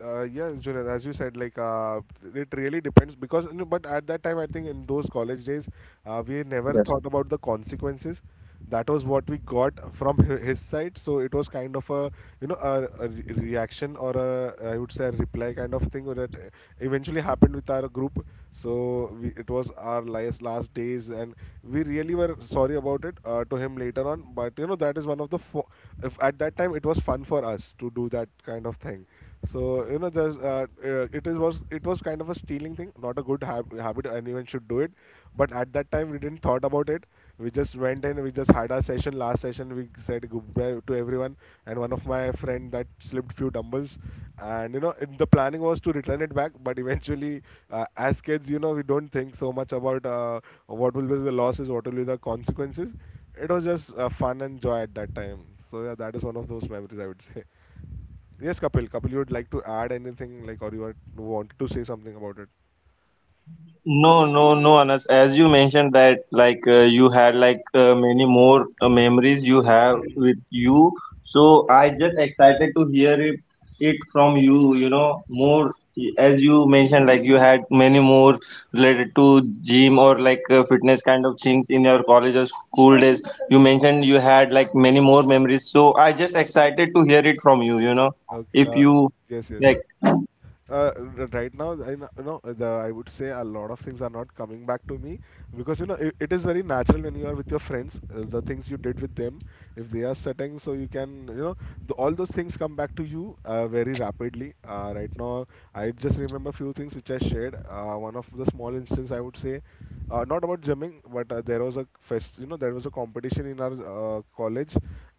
Speaker 1: yeah, Junaid, as you said, like, it really depends because, no, but at that time, I think in those college days, we never
Speaker 2: Yes,
Speaker 1: thought about the consequences. That was what we got from his side, so it was kind of a, a reaction, or a, I would say, a reply kind of thing that eventually happened with our group. So we, it was our last days, and we really were sorry about it to him later on. But that is one of the if at that time it was fun for us to do that kind of thing. So there's it was kind of a stealing thing, not a good habit. Anyone should do it, but at that time we didn't thought about it. We just went in, we just had our session. Last session, we said goodbye to everyone, and one of my friend that slipped few dumbbells, and it, the planning was to return it back, but eventually, as kids, we don't think so much about what will be the losses, what will be the consequences. It was just fun and joy at that time. So yeah, that is one of those memories I would <laughs> say. Yes, Kapil. Kapil, you would like to add anything, like, or you are, want to say something about it?
Speaker 3: No, no, no, Anas. As you mentioned that, like you had like many more memories you have with you. So I just excited to hear it from you. You know More you mentioned, like you had many more related to gym or like fitness kind of things in your college or school days. You mentioned you had like many more memories. So I just excited to hear it from you. You know
Speaker 1: Okay.
Speaker 3: If you
Speaker 1: Yes, yes.
Speaker 3: like.
Speaker 1: Uh, right now, I, the, I would say a lot of things are not coming back to me, because it is very natural when you are with your friends. The things you did with them, if they are setting, so you can the, all those things come back to you very rapidly. Right now, I just remember few things which I shared. One of the small instance I would say. Not about gymming but there was a fest, there was a competition in our college,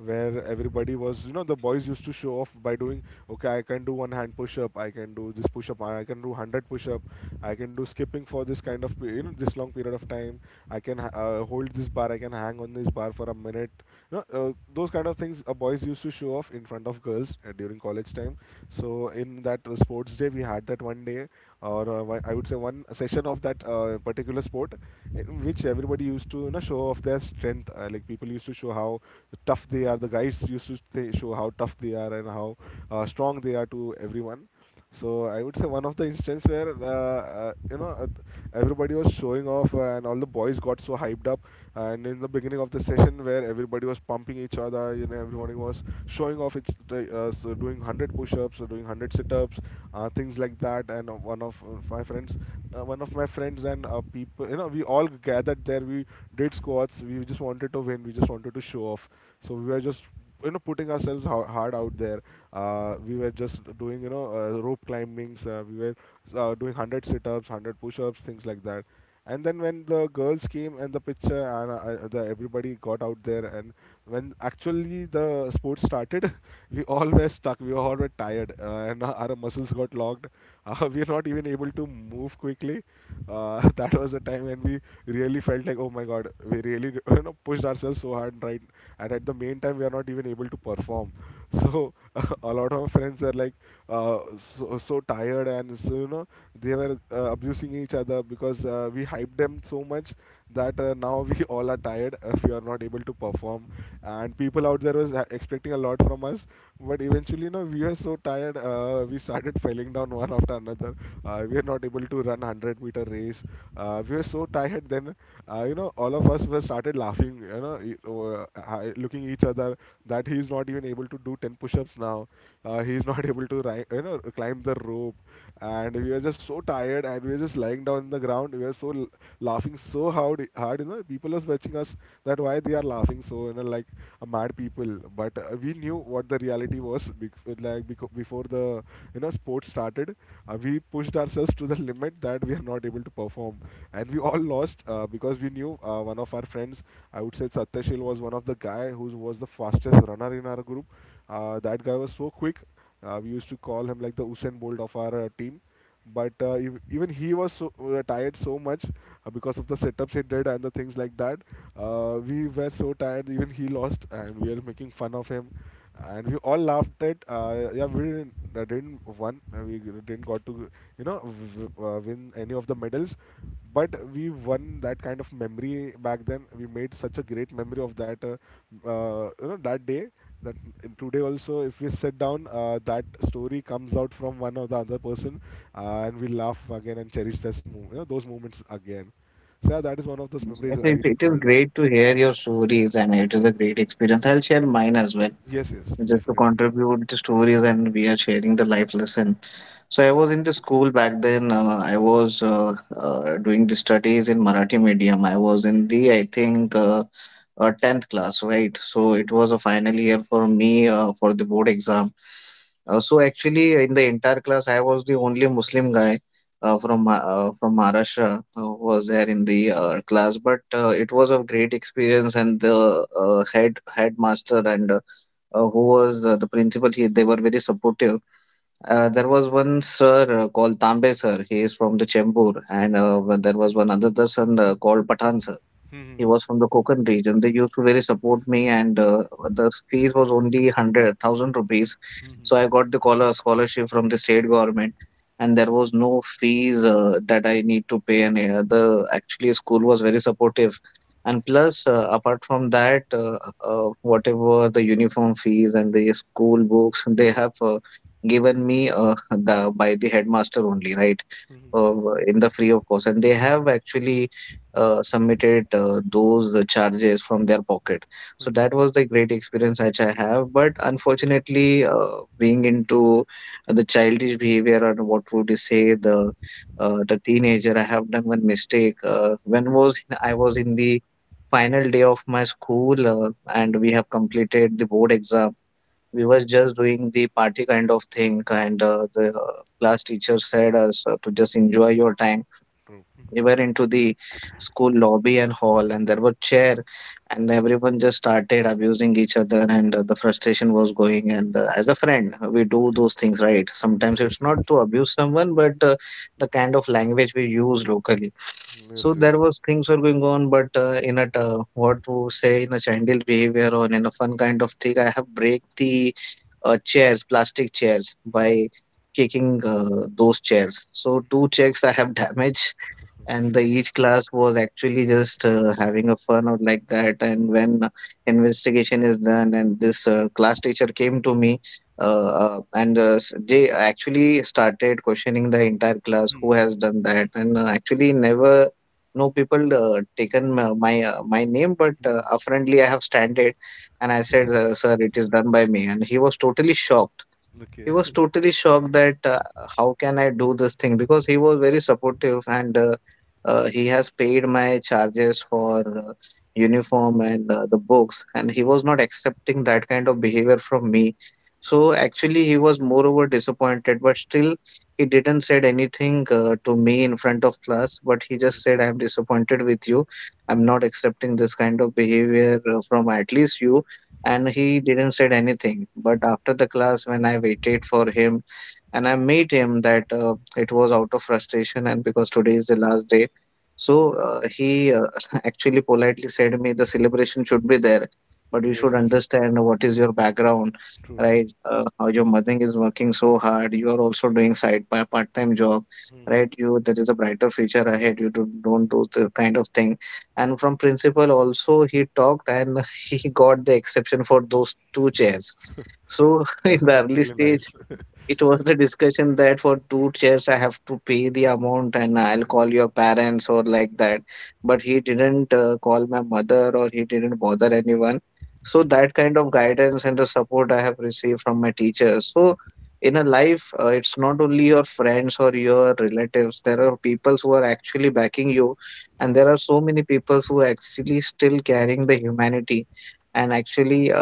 Speaker 1: where everybody was, the boys used to show off by doing, okay, I can do one hand push up, I can do this push up, I can do 100 push up, I can do skipping for this kind of this long period of time, I can hold this bar, I can hang on this bar for a minute, those kind of things, boys used to show off in front of girls during college time. So in that sports day, we had that one day or I would say one session of that particular sport, in which everybody used to show off their strength. Like, people used to show how tough they are. The guys used to show how tough they are and how strong they are to everyone. So I would say one of the instance where everybody was showing off, and all the boys got so hyped up. And in the beginning of the session where everybody was pumping each other, everybody was showing off each so doing 100 push-ups or doing 100 sit-ups, things like that, and one of my friends, one of my friends and people, we all gathered there. We did squats. We just wanted to win. We just wanted to show off. So we were just, putting ourselves hard out there. We were just doing, rope climbings. We were doing hundred sit-ups, hundred push-ups, things like that. And then when the girls came and the picture and the everybody got out there and when actually the sport started <laughs> we all were stuck, we were all were tired, and <laughs> our muscles got locked. <laughs> We were not even able to move quickly. <laughs> That was the time when we really felt like, oh my god, we really <laughs> pushed ourselves so hard, right? And at the main time we are not even able to perform. So <laughs> a lot of friends are like, so, so tired and so, you know, they were abusing each other because we hyped them so much that now we <laughs> all are tired, if we are not able to perform. And people out there was expecting a lot from us, but eventually, you know, we were so tired. We started <laughs> falling down one after another. We were not able to run 100-meter race. We were so tired. Then you know, all of us were started laughing, you know, over, looking each other, that he's not even able to do 10 push-ups now. He's not <laughs> able to you know, climb the rope. And we were just so tired, and we were just lying down on the ground. We were so laughing so hard, you know, people was watching us, that why they are laughing, so, you know, like a mad people. But we knew what the reality was. Before the, you know, sport started, we pushed ourselves to the limit, that we are not able to perform. And we all lost, because we knew, one of our friends, I would say Satyashil, was one of the guy who was the fastest runner in our group. That guy was so quick. We used to call him like the Usain Bolt of our team. But even he was so, tired so much, because of the setups he did and the things like that. We were so tired, even he lost, and we are making fun of him, and we all laughed at. Yeah, we didn't won, we didn't got to, you know, win any of the medals, but we won that kind of memory back then. We made such a great memory of that, you know, that day, that in today also if we sit down, that story comes out from one or the other person, and we laugh again, and cherish you know, those moments again. So yeah, that is one of those
Speaker 2: yes,
Speaker 1: memories
Speaker 2: yes,
Speaker 1: I
Speaker 2: it is
Speaker 1: recalled.
Speaker 2: great to hear your stories and it is a great experience. I'll share mine as well.
Speaker 1: Yes, yes,
Speaker 2: Just to
Speaker 1: definitely.
Speaker 2: contribute the stories and we are sharing the life lesson, so I was in the school back then. I was doing the studies in Marathi medium. I was in the, I think 10th class, right? So it was a final year for me for the board exam. So actually, in the entire class, I was the only Muslim guy from from Maharashtra who was there in the class. But it was a great experience, and the headmaster and who was the principal, he they were very supportive. There was one sir called Tambe sir. He is from the Chembur, and when there was one another sir called Pathan sir. He was from the Konkan region. They used to very support me, and the fees was only 100,000 rupees. So I got the collar scholarship from the state government, and there was no fees that I need to pay. And the actually school was very supportive, and plus apart from that, whatever the uniform fees and the school books, they have given me the by the headmaster only, right? In the free of course, and they have actually submitted those charges from their pocket. So that was the great experience which I have. But unfortunately, being into the childish behavior and what would you say the teenager, I have done one mistake. When was I was in the final day of my school, and we have completed the board exam, we were just doing the party kind of thing, and the class teacher said us to just enjoy your time. We were into the school lobby and hall, and there were chair, and everyone just started abusing each other, and the frustration was going. And as a friend, we do
Speaker 1: Okay.
Speaker 2: those things, right?
Speaker 1: Yes,
Speaker 2: Sometimes
Speaker 1: yes,
Speaker 2: it's
Speaker 1: yes.
Speaker 2: not to abuse someone, but the kind of language we use locally. So
Speaker 1: Yes,
Speaker 2: there
Speaker 1: yes.
Speaker 2: was things were going on, but in a what to say, in a child's behavior or in a fun kind of thing, I have break the chairs, plastic chairs by kicking those chairs. So two chairs I have damaged, and the each class was actually just having a fun out like that. And when investigation is done, and this class teacher came to me, they actually started questioning the entire class who has done that, and actually never, no people taken my name, but apparently I have standed, and I said, sir, it is done by me. And he was totally shocked. He was totally shocked that how can I do this thing, because he was very supportive, and he has paid my charges for uniform and the books, and he was not accepting that kind of behavior from me. So actually he was moreover disappointed, but still he didn't said anything to me in front of class, but he just said, I'm disappointed with you. I'm not accepting this kind of behavior from at least you, and he didn't said anything but after the class when I waited for him and I made him that it was out of frustration and because today is the last day. So he <laughs> actually politely said me the celebration should be there, but you
Speaker 1: Yes,
Speaker 2: should
Speaker 1: <laughs> yes.
Speaker 2: understand what is your background, right? How your mother is working so hard, you are also doing side by part-time job, right? You there is a brighter future ahead, you don't do the kind of thing. And from principal also he talked, and <laughs> he got the exception for those two chairs. So <laughs> in
Speaker 1: That
Speaker 2: the
Speaker 1: was
Speaker 2: early
Speaker 1: really nice.
Speaker 2: stage
Speaker 1: <laughs>
Speaker 2: it was the discussion that for two chairs I have to pay the amount and I'll call your parents or like that. But he didn't call my mother or he didn't bother anyone. So that kind of guidance and the support I have received from my teachers. So in a life, it's not only your friends or your relatives. There are people who are actually backing you, and there are so many people who are actually still carrying the humanity and actually uh,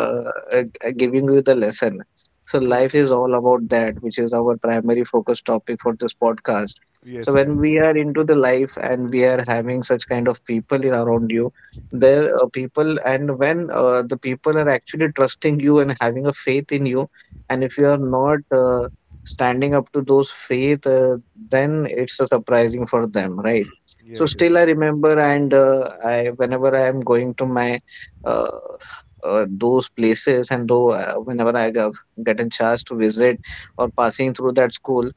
Speaker 2: uh, g- giving you the lesson. So,
Speaker 1: True,
Speaker 2: life
Speaker 1: true.
Speaker 2: is all about that, which is our primary focus topic for this podcast. So,
Speaker 1: Yes,
Speaker 2: when
Speaker 1: yes,
Speaker 2: we
Speaker 1: yes.
Speaker 2: are into the life and we are having such kind of people in around you, there are people, and when the people are actually trusting you and having a faith in you, and if you are not standing up to those faith, then it's a surprising for them, right? So,
Speaker 1: Yes, yes.
Speaker 2: still, I remember, and I whenever I am going to my uh, those places and though whenever I go getting chance to visit or passing through that school,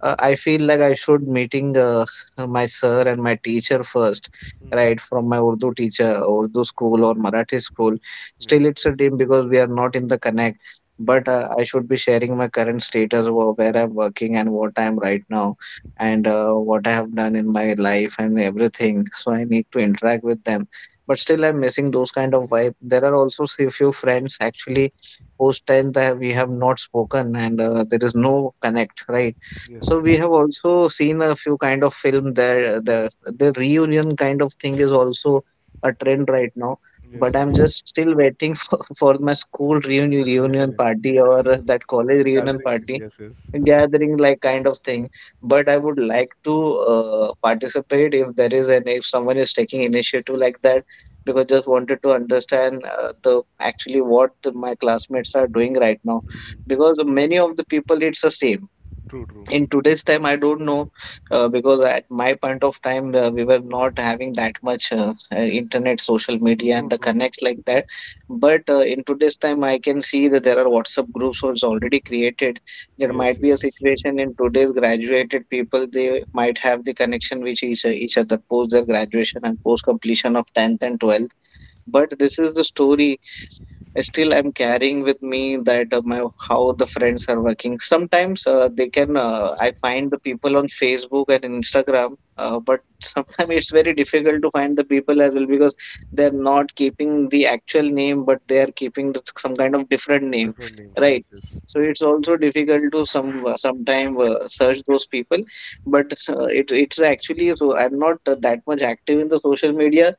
Speaker 2: I feel like I should meeting my sir and my teacher first, right? From my Urdu teacher, Urdu school or Marathi school. Still, it's a dream because we are not in the connect. But I should be sharing my current status, where I'm working and what I'm right now, and what I have done in my life and everything. So I need to interact with them. But still, I'm missing those kind of vibe. There are also a few friends actually post 10 that we have not spoken and there is no connect, right?
Speaker 1: Yes,
Speaker 2: So we
Speaker 1: yes.
Speaker 2: have also seen a few kind of film there. The reunion kind of thing is also a trend right now.
Speaker 1: Yes,
Speaker 2: But
Speaker 1: yes.
Speaker 2: I'm
Speaker 1: <laughs>
Speaker 2: just still waiting for, <laughs> for my school reunion
Speaker 1: Really.
Speaker 2: party or that college reunion
Speaker 1: Gathering.
Speaker 2: party
Speaker 1: Yes, yes. <laughs>
Speaker 2: gathering like kind of thing. But I would like to participate if there is an if someone is taking initiative like that, because just wanted to understand the actually what my classmates are doing right now, because many of the people it's the same in today's time I don't know. Because at my point of time we were not having that much internet social media and the connects like that. But in today's time I can see that there are WhatsApp groups was already created. There
Speaker 1: Yes,
Speaker 2: might be a
Speaker 1: yes.
Speaker 2: situation in today's graduated people they might have the connection which each other post their graduation and post completion of 10th and 12th. But this is the story. Still I'm carrying with me that my how the friends are working sometimes they can I find the people on Facebook and Instagram, but sometimes <laughs> it's very difficult to find the people as well because they're not keeping the actual name but they are keeping some kind of different name,
Speaker 1: Different names.
Speaker 2: right?
Speaker 1: Yes, yes. <laughs>
Speaker 2: So
Speaker 1: Mhm.
Speaker 2: it's also difficult to some sometime search those people. But it's actually so I'm not that much active in the social media,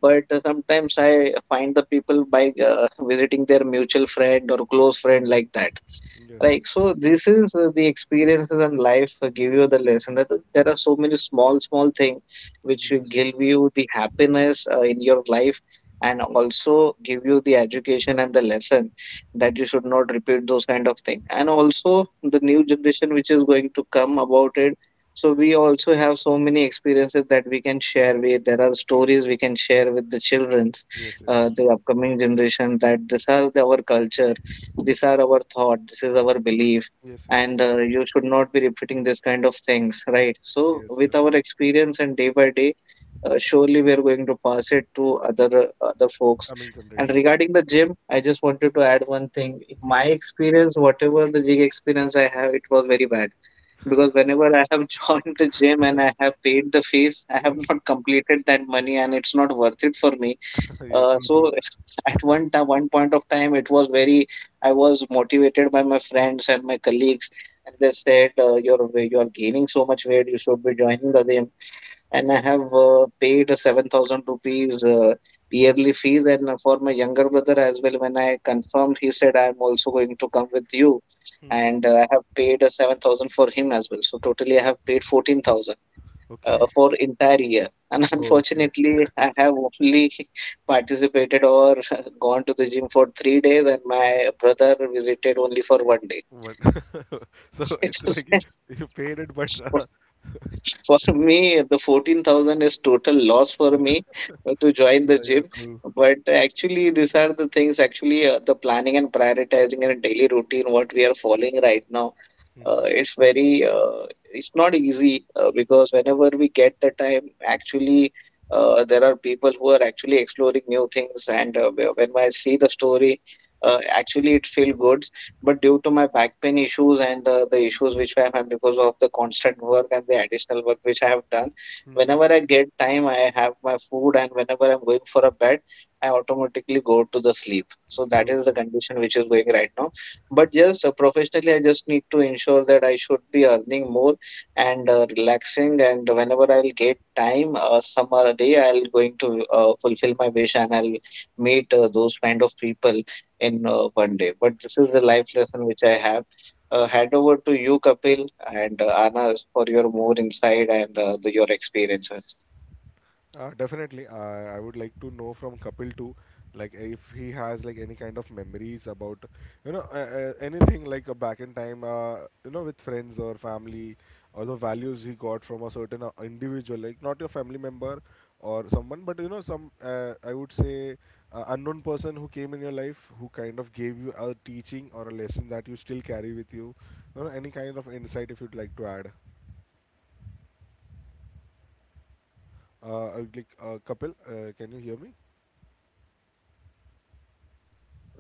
Speaker 2: but sometimes I find the people by visiting their mutual friend or close friend like that.
Speaker 1: Yes,
Speaker 2: Right.
Speaker 1: yes.
Speaker 2: So this is the experiences and life give you the lesson that there are so many small, small things which will
Speaker 1: Yes.
Speaker 2: give you the happiness in your life, and also give you the education and the lesson that you should not repeat those kind of thing. And also the new generation which is going to come about it. So we also have so many experiences that we can share with. There are stories we can share with the children,
Speaker 1: Yes, yes.
Speaker 2: the upcoming generation that these are our culture, these are our thought, this is our belief,
Speaker 1: Yes, yes.
Speaker 2: and
Speaker 1: True.
Speaker 2: you should not be repeating this kind of things, right? So
Speaker 1: Yes.
Speaker 2: with our experience and day by day, surely we are going to pass it to other folks.
Speaker 1: Coming
Speaker 2: And
Speaker 1: generation. Yes.
Speaker 2: regarding the gym, I just wanted to add one thing in my experience. Whatever the gym experience I have, it was very bad because whenever I have <laughs> joined the gym and I have paid the fees, I have
Speaker 1: Yes.
Speaker 2: not completed that money and it's not worth it for me.
Speaker 1: <laughs> Yeah, true,
Speaker 2: So
Speaker 1: true.
Speaker 2: <laughs> at one time, one point of time, it was very. I was motivated by my friends and my colleagues, and they said, "You're you're gaining so much weight. You should be joining the gym." And I have paid a 7,000 rupees yearly fees, and for my younger brother as well. When I confirmed, he said, "I'm also going to come with you," and I have paid 7,000 for him as well. So totally, I have paid 14,000
Speaker 1: Okay.
Speaker 2: for entire year. <laughs> And
Speaker 1: Oh, okay.
Speaker 2: unfortunately I have only <laughs> participated or <laughs> gone to the gym for 3 days, and my brother visited only for one day.
Speaker 1: What? <laughs> So
Speaker 2: <laughs> It's
Speaker 1: it's like you,
Speaker 2: sad.
Speaker 1: you paid it, but <laughs>
Speaker 2: For me, the 14,000 is total loss for me to join the
Speaker 1: yeah,
Speaker 2: gym.
Speaker 1: yeah, true.
Speaker 2: But actually, these are the things, actually, the planning and prioritizing and daily routine, what we are following right now. Uh, it's very, uh, it's not easy because whenever we get the time, actually, there are people who are actually exploring new things. And when I see the story, actually, it feels good. But due to my back pain issues and the issues which I have because of the constant work and the additional work which I have done, whenever I get time, I have my food, and whenever I'm going for a bed, I automatically go to the sleep. So that
Speaker 1: True,
Speaker 2: is the
Speaker 1: true.
Speaker 2: condition which is going right now. But just professionally, I just need to ensure that I should be earning more and relaxing. And whenever I'll get time, summer day, I'll going to fulfill my wish and I'll meet those kind of people in one day. But this is the life lesson which I have. Hand over to you, Kapil, and Anas, for your more insight and your experiences.
Speaker 1: Definitely, I would like to know from Kapil too, like if he has like any kind of memories about, you know, anything like, back in time, you know, with friends or family, or the values he got from a certain individual, like not your family member or someone, but you know, some I would say unknown person who came in your life, who kind of gave you a teaching or a lesson that you still carry with you. You know, any kind of insight if you'd like to add. I would like Kapil, can you hear me?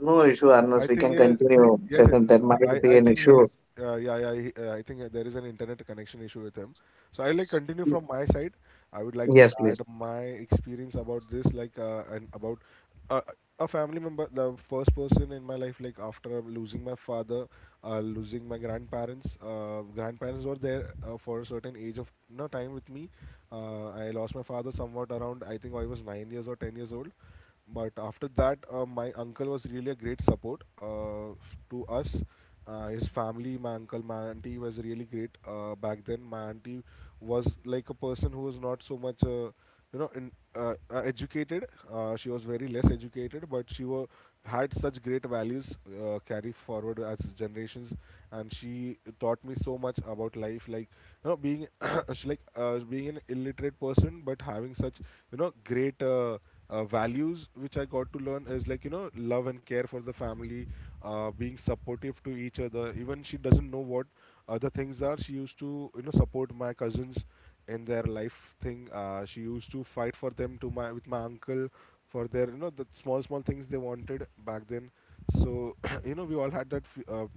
Speaker 2: No issue,
Speaker 1: I
Speaker 2: Anas. We
Speaker 1: think
Speaker 2: can
Speaker 1: yeah,
Speaker 2: continue.
Speaker 1: yes,
Speaker 2: Second, there
Speaker 1: I I
Speaker 2: might be
Speaker 1: I
Speaker 2: an
Speaker 1: think
Speaker 2: issue.
Speaker 1: he's yeah, yeah, I think there is an internet connection issue with him. So I like continue from my side. I would like to
Speaker 2: Yes,
Speaker 1: add
Speaker 2: please.
Speaker 1: my experience about this, like and about uh, a family member, the first person in my life, like after losing my father, losing my grandparents. Grandparents were there for a certain age of no time with me. I lost my father somewhat around, I think I was 9 years or 10 years old. But after that, my uncle was really a great support to us. His family, my uncle, my auntie was really great back then. My auntie was like a person who was not so much, you know, educated. She was very less educated, but she were, had such great values carry forward as generations, and she taught me so much about life. Like, you know, being <coughs> <clears throat> she like being an illiterate person, but having such, you know, great. Values which I got to learn is like, you know, love and care for the family, being supportive to each other. Even she doesn't know what other things are. She used to, you know, support my cousins in their life thing. She used to fight for them to my with my uncle for their, you know, the small small things they wanted back then. So <coughs> <clears throat> you know, we all had that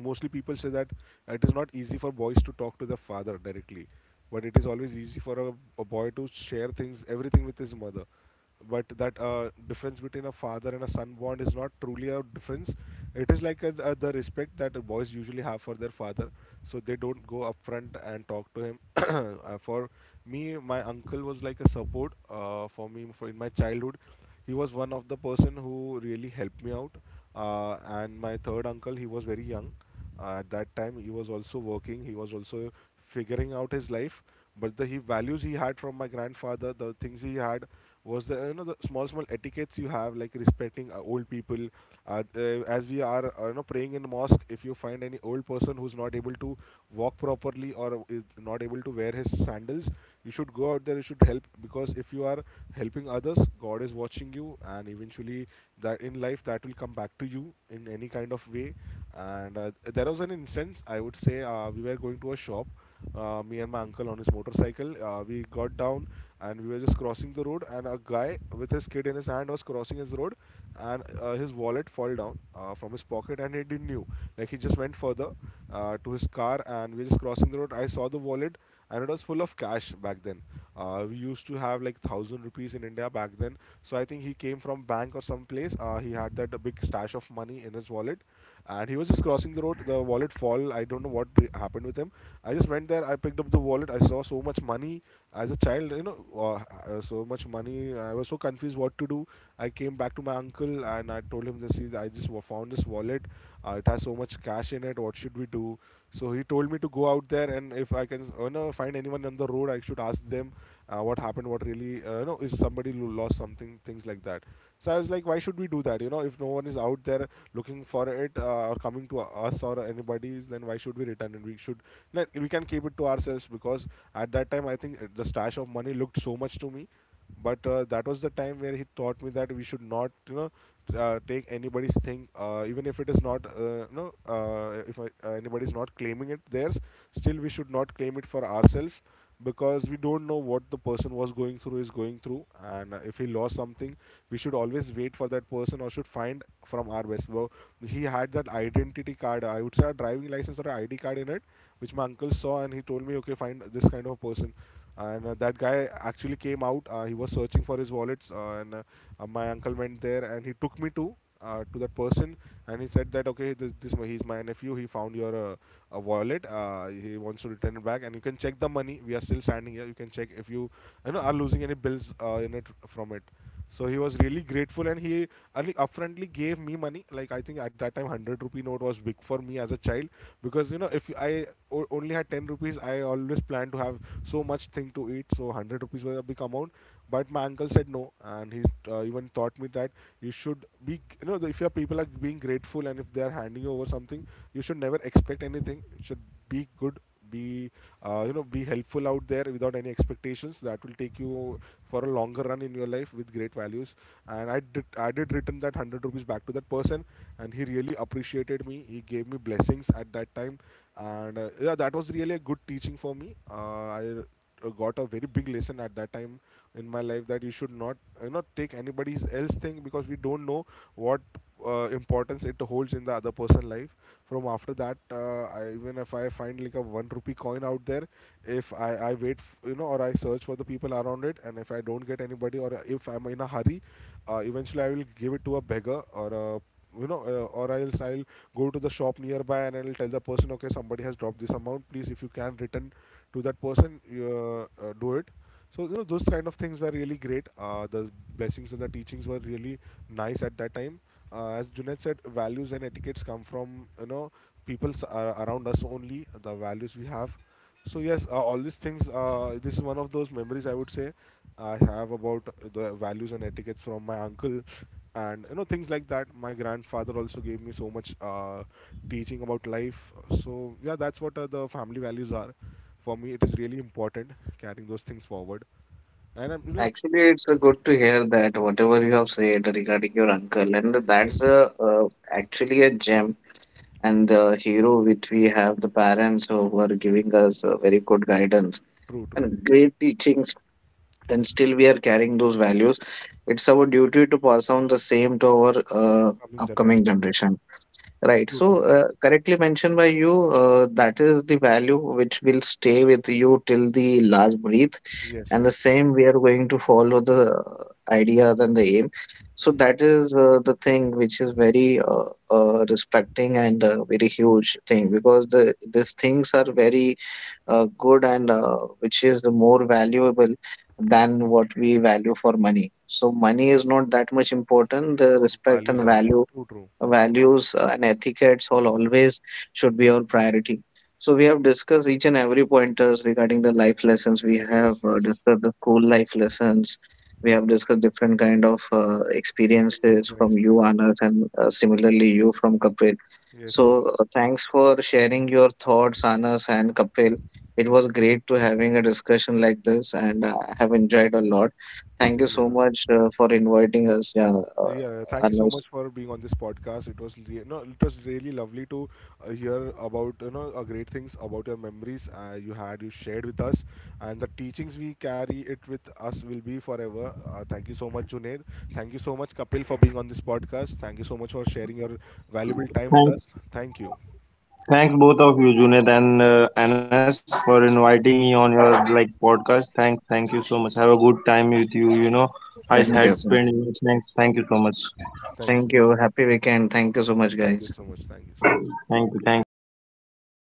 Speaker 1: mostly people say that, it is not easy for boys to talk to the father directly, but it is always easy for a boy to share things everything with his mother. But that difference between a father and a son bond is not truly a difference. It is like the respect that boys usually have for their father, so they don't go up front and talk to him. <coughs> <clears throat> For me, my uncle was like a support for me for in my childhood. He was one of the person who really helped me out. And my third uncle, he was very young at that time. He was also working, he was also figuring out his life. But the he values he had from my grandfather, the things he had was the, you know, the small small etiquettes you have, like respecting old people. As we are, you know, praying in mosque, if you find any old person who's not able to walk properly or is not able to wear his sandals, you should go out there, you should help. Because if you are helping others, god is watching you, and eventually that in life, that will come back to you in any kind of way. And there was an instance, I would say, we were going to a shop, me and my uncle on his motorcycle. We got down and we were just crossing the road, and a guy with his kid in his hand was crossing his road. And his wallet fall down from his pocket and he didn't knew, like he just went further to his car. And we were just crossing the road, I saw the wallet and it was full of cash back then. We used to have like thousand rupees in India back then. So I think he came from bank or some place. He had that big stash of money in his wallet, and he was just crossing the road. The wallet fall. I don't know what happened with him. I just went there, I picked up the wallet. I saw so much money as a child. You know, so much money. I was so confused what to do. I came back to my uncle and I told him, this I just found this wallet. It has so much cash in it. What should we do? So he told me to go out there, and if I can, you know, find anyone on the road, I should ask them what happened, what really, you know, is somebody lost something, things like that. So I was like, why should we do that? You know, if no one is out there looking for it, or coming to us or anybody's, then why should we return it? We should, like, we can keep it to ourselves because at that time I think the stash of money looked so much to me but that was the time where he taught me that we should not, you know, take anybody's thing, even if it is not, if anybody's not claiming it theirs, still we should not claim it for ourselves, because we don't know what the person was going through, is going through, and if he lost something we should always wait for that person or should find from our best. Well, he had that identity card, I would say a driving license or an ID card in it, which my uncle saw and he told me, okay, find this kind of person. And that guy actually came out. He was searching for his wallets, and my uncle went there and he took me to that person, and he said that, okay, this, he's my nephew, he found your a wallet. He wants to return it back and you can check the money, we are still standing here, you can check if you, you know, are losing any bills, in it, from it. So he was really grateful, and he, and he upfrontly gave me money. Like, I think at that time hundred rupee note was big for me as a child, because, you know, if I only had ten rupees, I always planned to have so much thing to eat. So hundred rupees was a big amount, but my uncle said no, and he even taught me that you should be, you know, if your people are being grateful and if they are handing you over something, you should never expect anything. It should be good, be, you know, be helpful out there without any expectations. That will take you for a longer run in your life with great values. And I did return that 100 rupees back to that person, and he really appreciated me, he gave me blessings at that time. And yeah, that was really a good teaching for me. I got a very big lesson at that time in my life, that you should not, you know, take anybody's else thing, because we don't know what importance it holds in the other person life. From after that, even if I find like a 1 rupee coin out there, if I wait, you know, or I search for the people around it, and if I don't get anybody or if I'm in a hurry, eventually I will give it to a beggar or a, you know, or else I'll go to the shop nearby and I'll tell the person, okay, somebody has dropped this amount, please if you can return to that person, do it. So, you know, those kind of things were really great. The blessings and the teachings were really nice at that time. As Junaid said, values and etiquettes come from, you know, people around us, only the values we have. So yes, all these things, this is one of those memories, I would say, I have about the values and etiquettes from my uncle. And, you know, things like that, my grandfather also gave me so much teaching about life. So yeah, that's what, the family values are for me, it is really important carrying those things forward. And I'm, you know,
Speaker 2: Actually, it's good to hear that whatever you have said regarding your uncle, and that's
Speaker 1: yes,
Speaker 2: a, actually a gem and the hero which we have the parents who are giving us a very good guidance
Speaker 1: true, true.
Speaker 2: and great teachings, and still we are carrying those values. It's our duty to pass on the same to our uh,
Speaker 1: Coming
Speaker 2: upcoming
Speaker 1: generation, true.
Speaker 2: generation, right? So correctly mentioned by you, that is the value which will stay with you till the last breath,
Speaker 1: Yes,
Speaker 2: and the
Speaker 1: yes.
Speaker 2: same we are going to follow the ideas and the aim. So that is the thing which is very respecting and very huge thing, because these things are very good and which is more valuable than what we value for money. So money is not that much important. The respect
Speaker 1: Values
Speaker 2: and
Speaker 1: are
Speaker 2: value,
Speaker 1: true, true.
Speaker 2: values and etiquettes all always should be our priority. So we have discussed each and every pointers regarding the life lessons. We have
Speaker 1: Yes, yes.
Speaker 2: discussed the school life lessons. We have discussed different kind of
Speaker 1: Memories
Speaker 2: experiences
Speaker 1: and
Speaker 2: from you,
Speaker 1: experiences.
Speaker 2: Anand, and similarly you from Kapil.
Speaker 1: Yes, yes.
Speaker 2: So thanks for sharing your thoughts, Anas and Kapil. It was great to having a discussion like this, and I have enjoyed a lot. Thank you
Speaker 1: Same
Speaker 2: so
Speaker 1: here.
Speaker 2: much for inviting us. Yeah, uh,
Speaker 1: Yeah, yeah, thank you so
Speaker 2: Anas,
Speaker 1: much for being on this podcast. It was no, it was really lovely to hear about, you know, great things about your memories, you had, you shared with us, and the teachings we carry it with us will be forever. Thank you so much, Junaid. Thank you so much, Kapil, for being on this podcast. Thank you so much for sharing your valuable time with
Speaker 3: Thanks,
Speaker 1: us. Thank you.
Speaker 3: thanks, both of you, Junet and Anas, for inviting me on your like podcast. Thanks, thank you so much. Have a good time with you. You know, I
Speaker 2: thank
Speaker 1: Yes,
Speaker 3: had
Speaker 2: you.
Speaker 1: yes,
Speaker 3: spent.
Speaker 1: amen.
Speaker 3: Thanks, thank you so much.
Speaker 1: Thank
Speaker 2: Thank
Speaker 1: you.
Speaker 2: you. Happy weekend. Thank you so much,
Speaker 1: Thank you
Speaker 2: guys.
Speaker 1: so much. Thank you so much.
Speaker 3: Thank you, thank you.